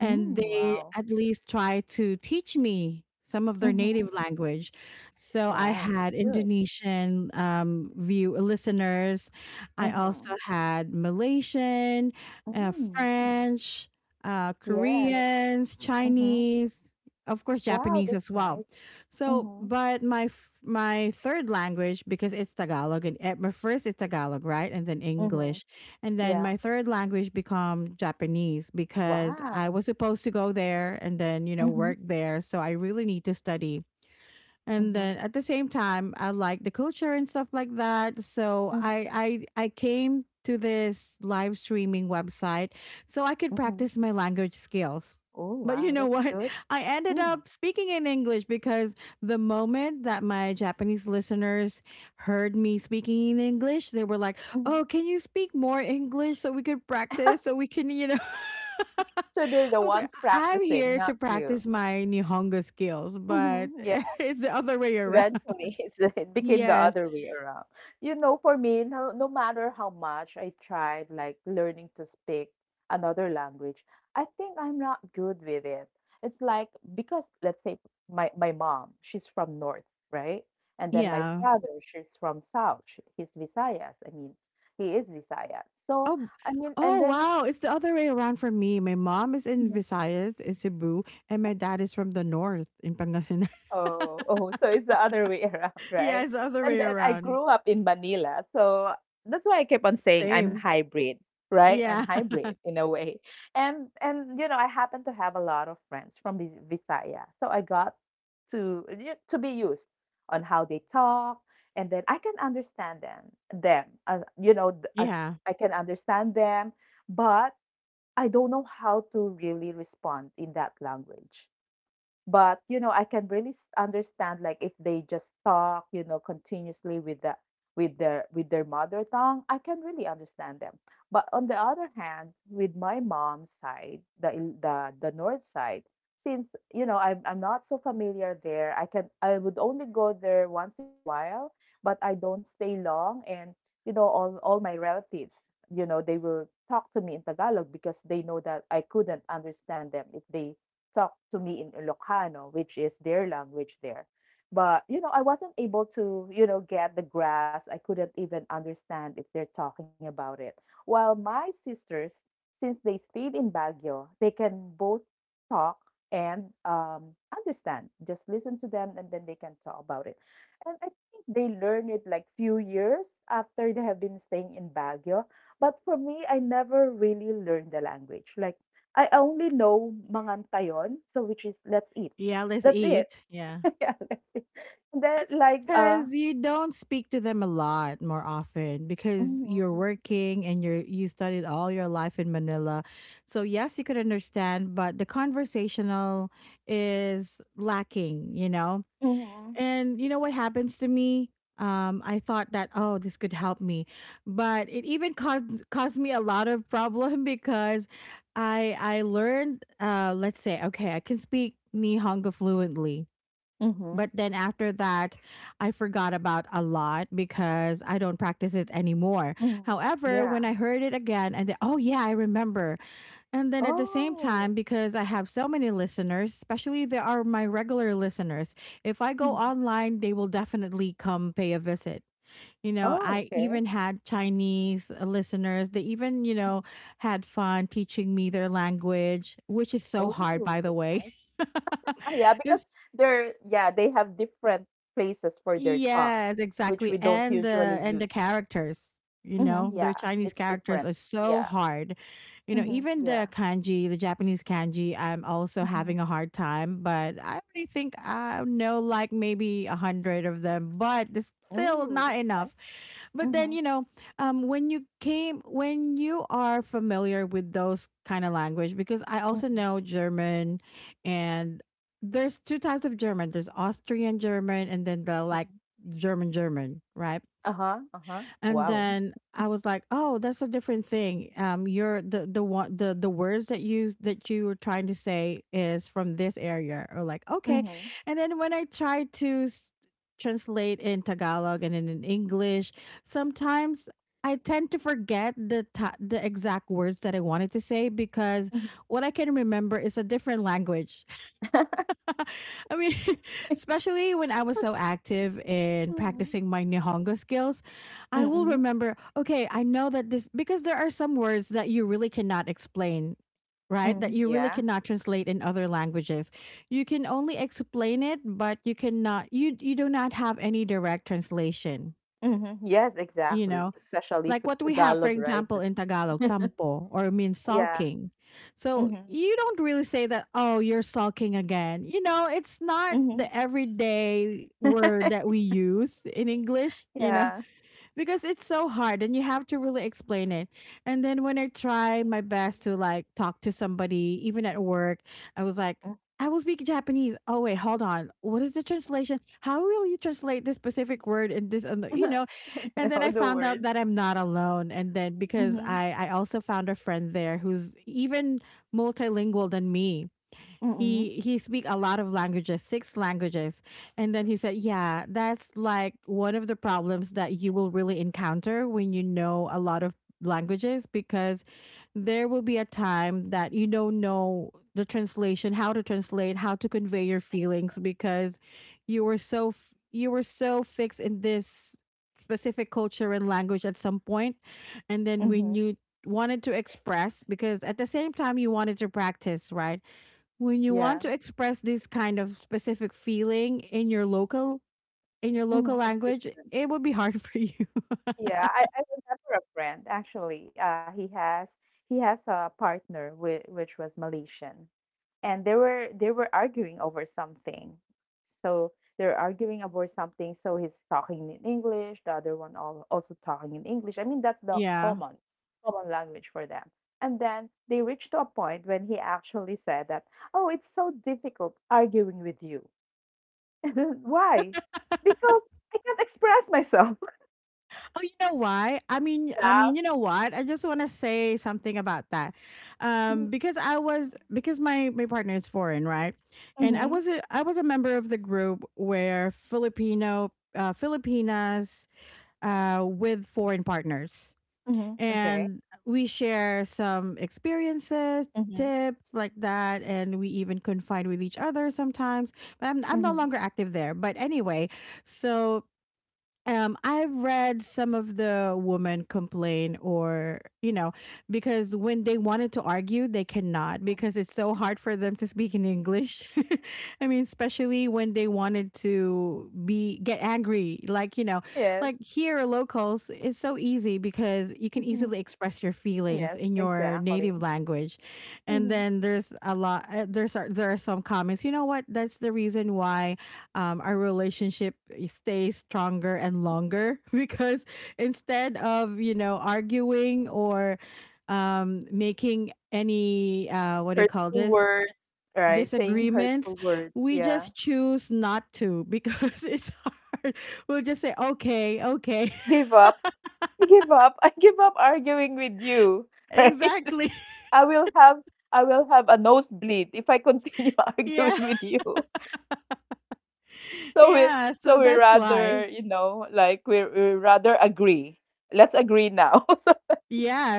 and they wow. at least try to teach me some of their Mhm. native language. So I Wow, that's had good. Indonesian view listeners, I Mhm. also had Malaysian, Mm. French, Yes. Koreans, Mhm. Chinese, of course Wow, Japanese as that's well. nice. So, Mhm. but my third language, because it's Tagalog, and at my first it's Tagalog, right? And then Mhm. English. And then Yeah. my third language become Japanese because I Wow. was supposed to go there and then, you know, Mhm. work there, so I really need to study, and Mhm. then at the same time I like the culture and stuff like that. So Mhm. I came to this live streaming website so I could Mhm. practice my language skills, Oh, but you wow, know that's what, good. I ended Mm. up speaking in English because the moment that my Japanese listeners heard me speaking in English, they were like, Mhm. "Oh, can you speak more English so we could practice, so we can, you know." So they're the I was like, ones "I- I'm practicing, here not to you. practice my Nihongo skills, but Mhm. it's the other way around." Eventually, it's, it became the Yes. other way around. You know, for me, no, no matter how much I tried, like learning to speak another language, I think I'm not good with it. It's like, because let's say my mom, she's from North, right? And then my Yeah. father, she's from South. He's Visayas. I mean, he is Visayas. So Oh, I mean, and oh then, wow. It's the other way around for me. My mom is in Visayas, in Cebu, and my dad is from the north in Pangasinan. oh, oh, so it's the other way around, Yeah, right? it's the other And way then I around. grew up in Manila, so that's why I kept on saying I'm Same. hybrid, right? I'm Yeah. hybrid in a way. And you know, I happen to have a lot of friends from Visaya. So I got to be used on how they talk, and then I can understand them. Yeah. I can understand them, but I don't know how to really respond in that language. But I can really understand, like if they just talk continuously with the with their mother tongue. I can really understand them. But on the other hand, with my mom's side, the north side, since I'm not so familiar there, I would only go there once in a while, but I don't stay long. And all my relatives, they will talk to me in Tagalog because they know that I couldn't understand them if they talk to me in Ilocano, which is their language there. But I wasn't able to get the grasp. I couldn't even understand if they're talking about it. While my sisters, since they stayed in Baguio, they can both talk and understand. Just listen to them and then they can talk about it. And I think they learn it like few years after they have been staying in Baguio. But for me, I never really learned the language. Like, I only know mangantayon, so which is let's eat. Yeah, let's That's it. eat. Yeah. Yeah, let's eat. I Then think like because you don't speak to them a lot more often because you're mhm, working and you studied all your life in Manila. So yes, you could understand, but the conversational is lacking, you know? mhm, And you know what happens to me? I thought that, oh, this could help me, but it even caused me a lot of problem because I learned, let's say, okay, I can speak Nihongo fluently, mhm, but then after that, I forgot about a lot because I don't practice it anymore. mhm. However, Yeah. when I heard it again, and then, oh yeah, I remember. And then at the same Oh. time, because I have so many listeners, especially they are my regular listeners, if I go Mhm. online, they will definitely come pay a visit. You know, Oh, I okay. even had Chinese listeners. They even, you Mhm. know, had fun teaching me their language, which is so hard, Oh, by the that's way. nice. Ah, yeah, because It's they're yeah, they have different places for their tongue, yes, which exactly. we don't And the usually and the use. characters, you Hmm, know, their yeah, Chinese it's characters different. are so Yeah. hard. You know, Hmm, even the yeah. kanji, the Japanese kanji, I'm also Hmm. having a hard time, but I already think I know like maybe 100 of them, but it's still Oh, not that's nice. enough. But then, Hmm. you know, when you are familiar with those kind of language, because I also Hmm. know German, and there's two types of German. There's Austrian German and then the like German German, right? Uh-huh, uh-huh. And Wow. then I was like, "Oh, that's a different thing. You're the one the words that you were trying to say is from this area." Or like, "Okay." Mhm, And then when I tried to translate in Tagalog and then in English, sometimes I tend to forget the the exact words that I wanted to say because mhm. what I can remember is a different language. I mean, especially when I was so active in Mhm, practicing my Nihongo skills, I will mm, remember, okay, I know that this, because there are some words that you really cannot explain, right? That mm, you really yeah. cannot translate in other languages. You can only explain it, but you cannot, you do not have any direct translation, Mhm. Yes, you exactly. know? Especially Like for it's what we have, for Tagalog, right? example, That in Tagalog, tampo or means yeah. sulking. So Mhm, you don't really say that, oh, you're sulking again. You know, it's not the mhm. everyday word that we use in English, you know, Yeah. because it's so hard and you have to really explain it. And then when I try my best to like talk to somebody, even at work, I was like, Mm. I will speak Japanese. Oh wait, hold on. What is the translation? How will you translate this specific word in this? And You know, and I then know I the found out words. that I'm not alone. And then because Mhm, I also found a friend there who's even multilingual than me. mm, He speak a lot of languages, 6 languages, and then he said, yeah, that's like one of the problems that you will really encounter when you know a lot of languages, because there will be a time that you don't know the translation, how to translate, how to convey your feelings, because you were so you were so fixed in this specific culture and language at some point, and then when mhm. you wanted to express, because at the same time you wanted to practice, right, when you want Yeah. to express this kind of specific feeling in your local, in your local Mhm. It's language, different. it would be hard for you. Yeah, I remember a friend actually, he has a partner which was Malaysian, and they were arguing over something. So they're arguing over something. So he's talking in English. The other one also talking in English. I mean, that's the Yeah. common language for them. And then they reached to a point when he actually said that, "Oh, it's so difficult arguing with you." And then, why? Because I can't express myself. Oh, you know why? Yeah. You know what? I just want to say something about that, because I was because my partner is foreign, right? And Mm-hmm. I was a member of the group where Filipino, Filipinas with foreign partners. Mm-hmm. Okay. And we share some experiences, Mm-hmm. tips like that, and we even confide with each other sometimes, but I'm no Mm-hmm. longer active there, but anyway, so I've read some of the women complain, or you know, because when they wanted to argue, they cannot because it's so hard for them to speak in English. I mean, especially when they wanted to be get angry, like you know, Yes. like here locals, it's so easy because you can Mm-hmm. easily express your feelings Yes, in your exactly. native language, and Mhm. then there's a lot. There are some comments. You know what? That's the reason why our relationship stays stronger and longer because instead of, you know, arguing or making any, what do you call Hurtful this, words, right? Saying hurtful disagreements, words, we yeah. just choose not to because it's hard. We'll just say okay, okay. Give up. I give up. I give up arguing with you, right? Exactly. I will have I will have a nosebleed if I continue arguing Yeah, with you. So we yeah. So so we that's why. rather, like we rather agree. Let's agree now.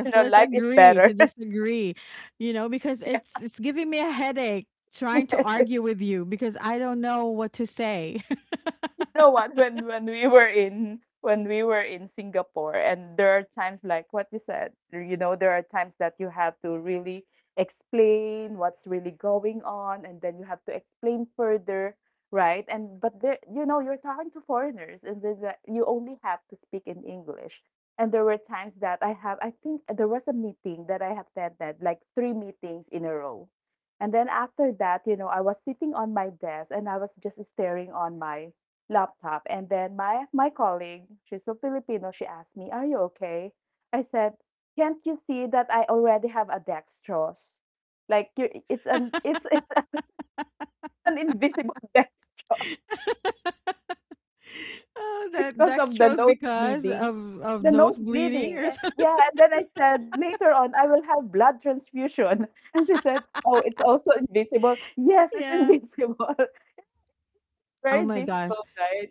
So, let's life is agree better. to disagree. You know, because it's giving me a headache trying to Yes. argue with you because I don't know what to say. No, what when we were in when we were in Singapore, and there are times like what you said, there are times that you have to really explain what's really going on, and then you have to explain further, right? And but there, you're talking to foreigners, and then you only have to speak in English. And there were times that I think there was a meeting that I have attended, like three meetings in a row. And then after that, I was sitting on my desk and I was just staring on my laptop. And then my colleague, she's a Filipino, she asked me, "Are you okay?" I said, "Can't you see that I already have a dextrose? Like you, it's an it's an invisible dextrose Oh, that because of the dextrose nose because bleeding." of The nose nose bleeding bleeding. or And— something. yeah, and then I said later on I will have blood transfusion. And she said, "Oh, it's also invisible." Yes, it's Yeah. invisible. Oh Very my gosh. difficult, right?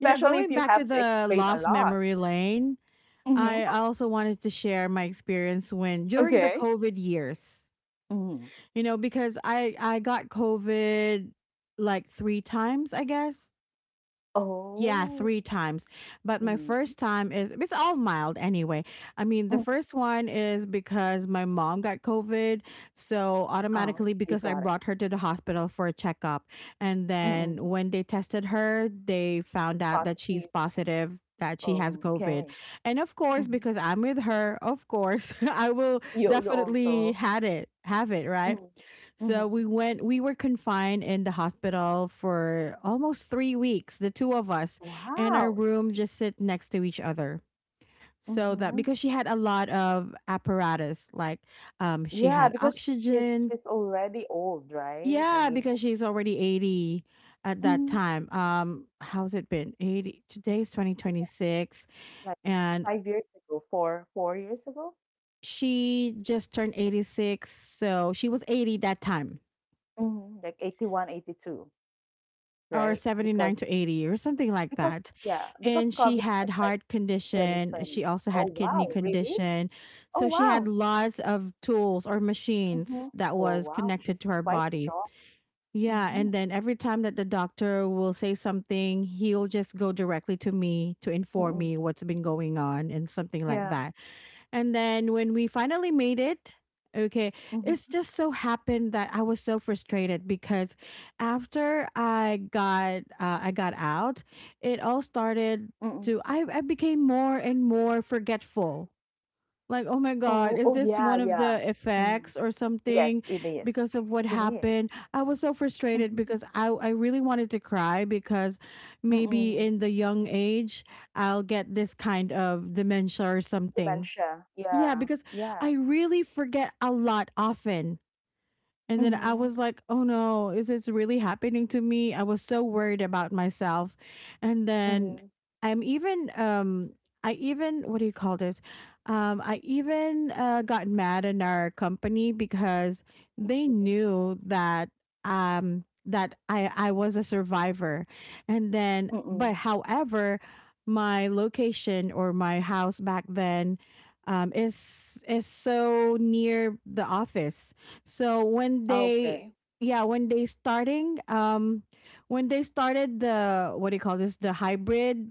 You know, if going you back have to to the explain a lost lot. memory lane, I Hmm. I also wanted to share my experience when during the Okay. COVID years. Mhm. You know, because I got COVID like 3 times, I guess. Yeah, Oh. three times. But my Mhm. first time is it's all mild anyway. I mean, the Mhm. first one is because my mom got COVID, so Oh, automatically you because I got it. brought her to the hospital for a checkup, and Mhm. then when they tested her, they found out that she's Positive. positive that she has Oh, COVID. okay. And of course, Mhm. because I'm with her, of course, I will You definitely also have it, right? Mhm. So Mhm. We were confined in the hospital for almost 3 weeks, the two of us, and our Wow. room just sit next to each other. So that Mhm. because she had a lot of apparatus, like, she Yeah, had because she's oxygen. she's already old, right? I Yeah, mean, because she's already 80 at that mhm, time. How's it been? 80, today's 2026. like And 5 years ago, 4 years ago, she just turned 86. So she was 80 that time, mhm, like 81, 82, or right? Because 79 to 80 or something like because that. yeah, because And she COVID had was like heart condition, 2020. she also Oh, had kidney wow, really? condition, Oh, so she had wow. lots of tools or machines Mhm. that Oh, was wow, connected she's to her quite body. strong. Yeah, Mhm. and then every time that the doctor will say something, he'll just go directly to me to inform Mm-mm. me what's been going on and something like Yeah. that. And then when we finally made it, okay, Mhm. it's just so happened that I was so frustrated because after I got, I got out, it all started Mm-mm. to, I became more and more forgetful. Like, oh my Oh, oh God, is yeah, this one yeah. of the Mm. effects or Yes, it something is. because of It what is. happened? I was so Mhm. frustrated because, I really wanted to cry because Mm-mm. maybe in the young age, I'll get this kind of dementia or something. Dementia. Yeah. Yeah, because Yeah. I really forget a lot often. And then I Mhm. was like, oh no, is this really happening to me? I was so worried about myself. And Mhm. then I'm even, what do you call this? I even, got mad in our company because they Mhm. knew that, that I was a survivor. And then, Mm-mm. but however, my location or my house back then, is so near the office. So when Okay. they, yeah, when they started the, what do you call this, the hybrid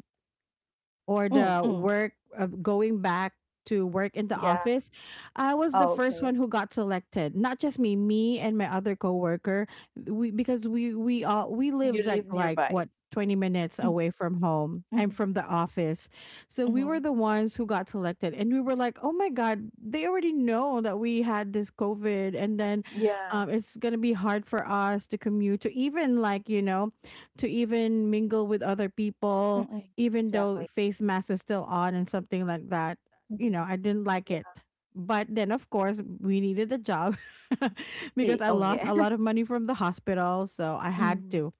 or Mm. the Mm. work of going back to work in the Yeah. office, I was the first Okay. one who got selected. Not just me, me and my other coworker. We because we You lived live like nearby. what, 20 minutes Mhm. away from home Mhm. and from the office. So we Mhm. were the ones who got selected, and we were like, "Oh my god, they already know that we had this COVID, and then Yeah. It's going to be hard for us to commute to even like, you know, to even mingle with other people Mm-mm. even though Exactly. face mask is still on and something like that." You know, Mhm. I didn't Yeah. like it. But then, of course, we needed a job Eh, because I oh yeah. lost a lot of money from the hospital. So I had Mm. to.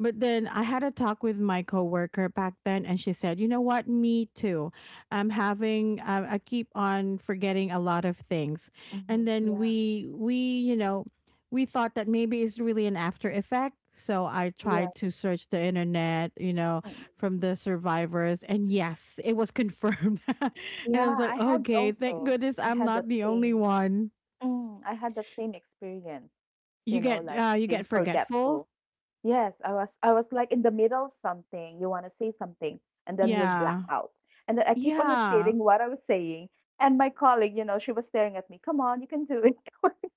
But then I had a talk with my coworker back then, and she said, "You know what? Me too. I'm having. I keep on forgetting a lot of things." And Mhm. then Yeah. we we thought that maybe it's really an after effect. So I Yeah. tried to search the internet, Mm-mm. from the survivors, and yes, it was confirmed. And Yeah, I was like, I had "Okay, thank also. goodness I I'm had not that the only same one." I had that same experience, like you get being forgetful. forgetful. Yes, I was like in the middle of something. You want to say something, and then you'll black Yeah. out. And then I keep on Yeah. repeating what I was saying, and my colleague, she was staring at me, "Come on, you can do it.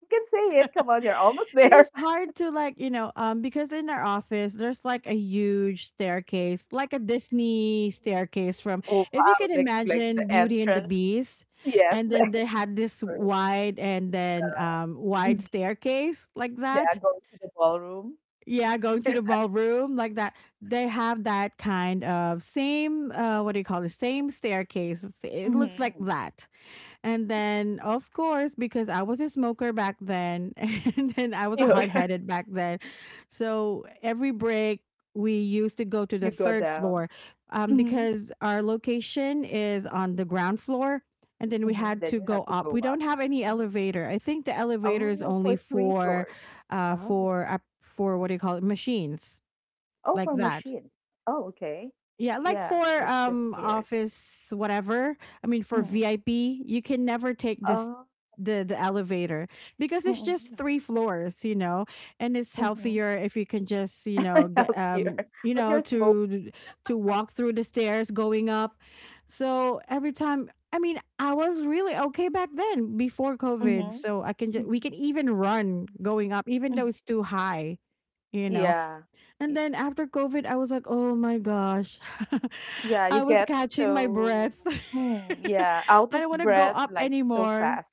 You can say it. Come on, you're almost And there." it's hard to like because in our office there's like a huge staircase, like a Disney staircase. From Oh, if you wow, can like the imagine Beauty and the entrance. Beast, Yes, and the then they entrance. had this for- wide and then wide Mhm. staircase like Yeah, that, going to the ballroom. yeah, going to the ballroom like that. They have that kind of same what do you call it, same staircase. It looks like Hmm. that. And then, of course, because I was a smoker back then, and then I was a hard headed back then. So every break, we used to go to the You go third down. floor Mhm. because our location is on the ground floor. And then we Mhm, had then to you go have to up. We go don't up. have any Mhm. elevator. I think the elevator is Oh, only for 3 for, floors. Oh. For what do you call it, machines Oh, like for that. machines. Oh, okay. Yeah, like Yeah, for so it's just stairs. office whatever. I mean, for Mm. VIP, you can never take this Oh. the elevator, because it's just Mm. 3 floors, you know, and it's Mhm. healthier if you can just, you know, get Out here, but you're smoking. To walk through the stairs going up. So every time, I mean, I was really okay back then before COVID, Mhm. so I can just we can Mhm. even run going up even though Mhm. it's too high, you know. Yeah. And then after COVID, I was like, oh my gosh, Yeah, you I was get catching my so, breath. mm, yeah, out I of don't want to go breath up like so anymore. fast.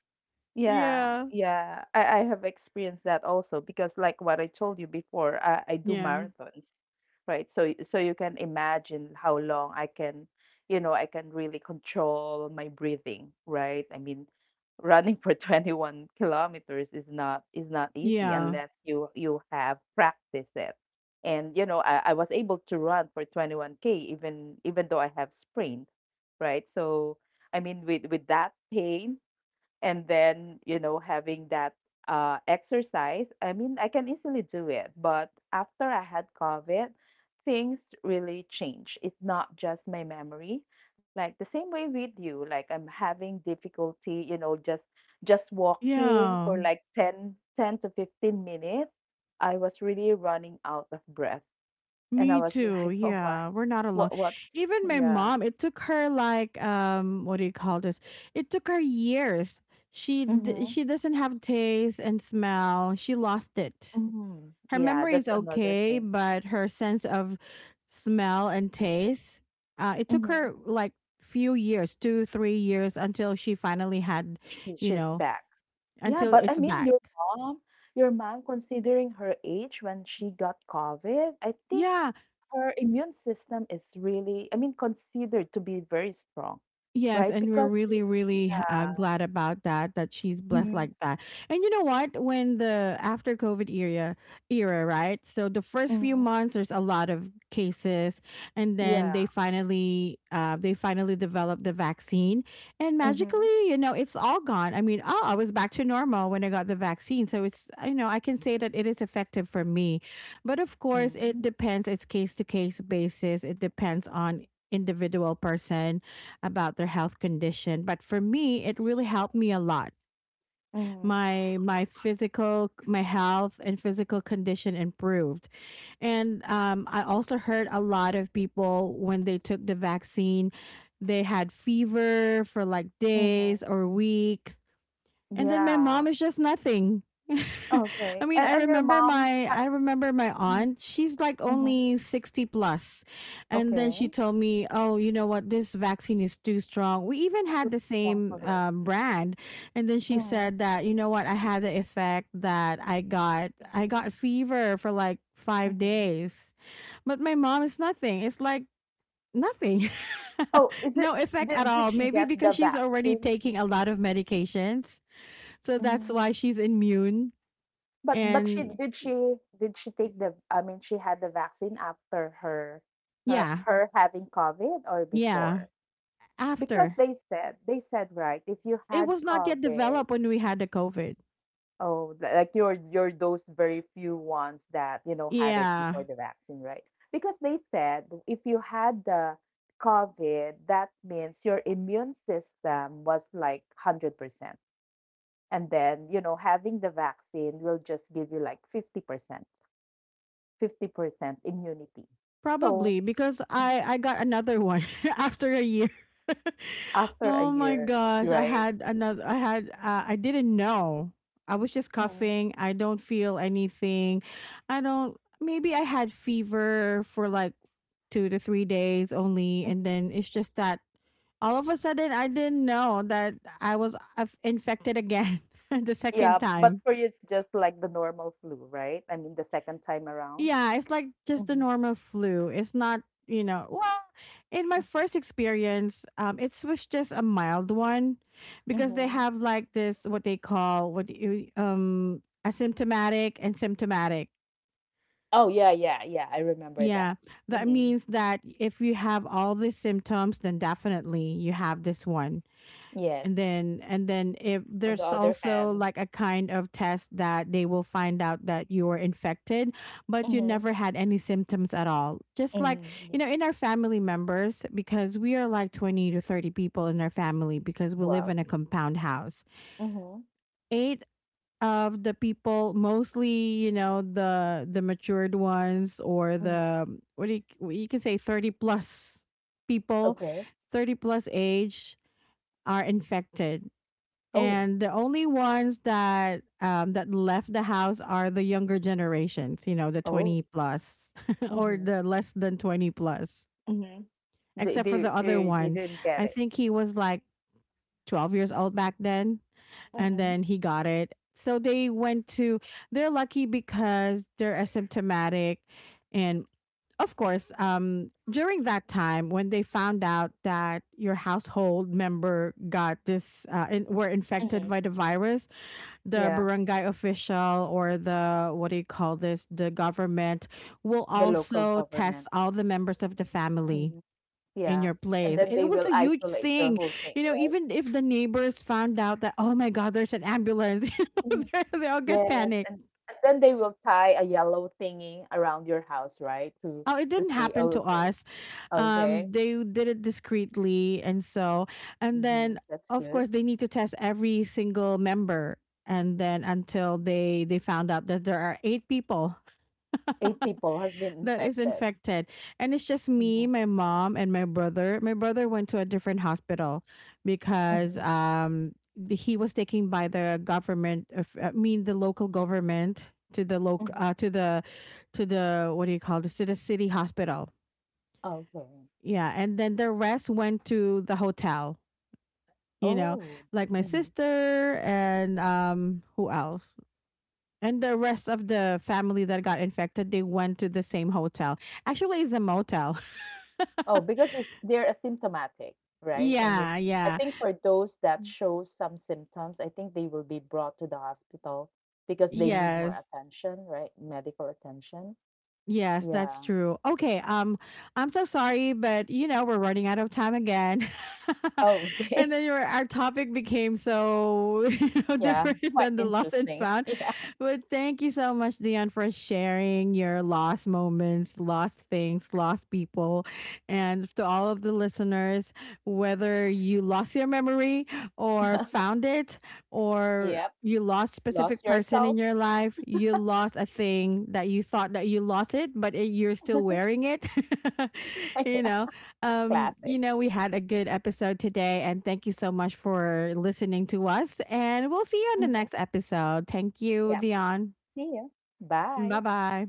Yeah, Yeah. yeah. I have experienced that also, because like what I told you before, I do Yeah. marathons, right? So so you can imagine how long I can really control my breathing, right? I mean, running for 21 kilometers is not easy Yeah. unless you have practiced it. And you know, I was able to run for 21K even though I have sprained, right? So I mean, with that pain, and then, you know, having that, exercise, I mean, I can easily do it. But after I had COVID, things really change. It's not just my memory, like the same way with you. Like I'm having difficulty, just walking Yeah. for like ten to 15 minutes. I was really running out of breath. And I Me was too. like, "Oh my, Yeah. We're not alone. what what's Even my yeah." mom, it took her like what do you call this? It took her years. Mhm. She doesn't have taste and smell. She lost it. Mhm. Her Yeah, memory is that's another okay, thing. but her sense of smell and taste, it took Mhm. her like few years, two, 3 years until she finally had, She, you she's know, back. Yeah, until but I it's mean back. your mom, your mom, considering her age when she got COVID, I think Yeah. her immune system is really, I mean, considered to be very strong, Yes, right? and we're Because really, really yeah. glad about that. That she's Uh, blessed mhm, like that. And you know what? When the after COVID era, right? So the first few mhm. months, there's a lot of cases, and then Yeah. They finally developed the vaccine, and Mhm. magically, you know, it's all gone. I mean, oh, I was back to normal when I got the vaccine. So it's, you know, I can say that it is effective for me, but of course, it Mhm. depends. It's case to case basis. It depends on individual person about their health condition, but for me it really helped me a lot. Mhm. My physical, my health and physical condition improved. And I also heard a lot of people when they took the vaccine, they had fever for like days Mhm. or weeks, and then my Yeah. mom is just nothing. I Okay. mean, And your mom had I remember my aunt. She's like mhm. only 60 plus. And then Okay. she told me, "Oh, you know what? This vaccine is too strong." We even Too had the strong for same her. Brand. And then she Mm. said that, "You know what? I had the effect that I got fever for like 5 Mhm. days." But my mom is nothing. It's like nothing. Oh, is No it, effect at did all. she Maybe get the because she's already vaccine? taking a lot of medications, so that's Mm. why she's immune. But she And did, she did she take the I mean, she had the vaccine after her, yeah, her having COVID, or yeah. before? Because After they said, right, if you it had was not yet COVID. developed when we had the COVID. Oh, li- like you're those very few ones that, you know, had it before Yeah. the vaccine, right? Because they said if you had the COVID, that means your immune system was like 100%. And then, you know, having the vaccine will just give you like 50%, 50% immunity. So Probably because I got another one after a year. after a Oh my year, gosh, right? I had I didn't know. I was just Mm. coughing. I don't feel anything. I don't, maybe I had fever for like 2 to 3 days only, and Hmm. then it's just that all of a sudden I didn't know that I was infected again the second Yeah, but time. for you, it's just like the normal flu, right? I mean, the second time around. Yeah, it's like just the normal flu. It's not, you know, well, in my first experience, it was just a mild one because they Mm-hmm. have like this what they call, what you asymptomatic and symptomatic. Oh, yeah, yeah, yeah, I remember that. Yeah. That Mhm. means that if you have all these symptoms, then definitely you have this one. Yes. And then if On the there's other hand, also like a kind of test that they will find out that you were infected but you mhm, never had any symptoms at all, just like mhm, yeah. you know. In our family members, because we are like 20 to 30 people in our family, because we live Wow. in a compound house, Mhm, 8 of the people, mostly, you know, the matured ones, or mhm. the what do you, you can say 30 plus people, Okay. 30 plus age, are infected. Oh, And the only ones that that left the house are the younger generations, you know, the 20 oh. plus or Mhm, the less than 20 plus, mhm. They except for the they other they they one. didn't I get it. think he was like 12 years old back then, and Mhm, then he got it, so they went to, they're lucky because they're asymptomatic. And of course, during that time, when they found out that your household member got this were infected mhm. by the virus, the Yeah, barangay official, or the what do you call this, the government, will the local also test government. all the members of the family Mhm, in yeah, your and place. then And it they was will a huge isolate your thing, whole thing, you know, right? even if the neighbors found out that oh my god, there's an ambulance, you know, Mhm. They all get Yes, panicked. And then they will tie a yellow thingy around your house, right? Oh, it To didn't say, happen "Oh, to okay, us. okay." They did it discreetly. And so, and then Mhm, that's of course good. they need to test every single member. And then until they found out that there are 8 people 8 people has been that is infected. infected. And it's just me, Mhm, my mom, and my brother. My brother went to a different hospital because mhm, he was taken by the government of, I mean, the local government, to the loc mhm. To the what do you call this, to the city hospital. Okay. Yeah, and then the rest went to the hotel, you know, Oh. like my Mhm. sister and who else? And the rest of the family that got infected, they went to the same hotel. Actually, it's a motel. Oh, because it's they're asymptomatic, right? I Yeah, mean, I yeah. think for those that show some symptoms, I think they will be brought to the hospital because they need more Yes. attention, right? Medical attention. Yes, that's Yeah. true. Okay, I'm so sorry, but you know, we're running out of time again. Oh, And okay. then your our topic became so, you know, Yeah. different Quite than the lost and interesting. found. Yeah. But thank you so much, Dion, for sharing your lost moments, lost things, lost people. And to all of the listeners, whether you lost your memory or found it, or Yep. you lost Lost specific person in yourself. your life, you lost a thing that you thought that you lost it but it, you're still wearing it. You Yeah. know, you Classic. know, we had a good episode today, and thank you so much for listening to us, and we'll see you Hmm. on the next episode. Thank Yeah. you, Dion. See you. Bye. Bye bye.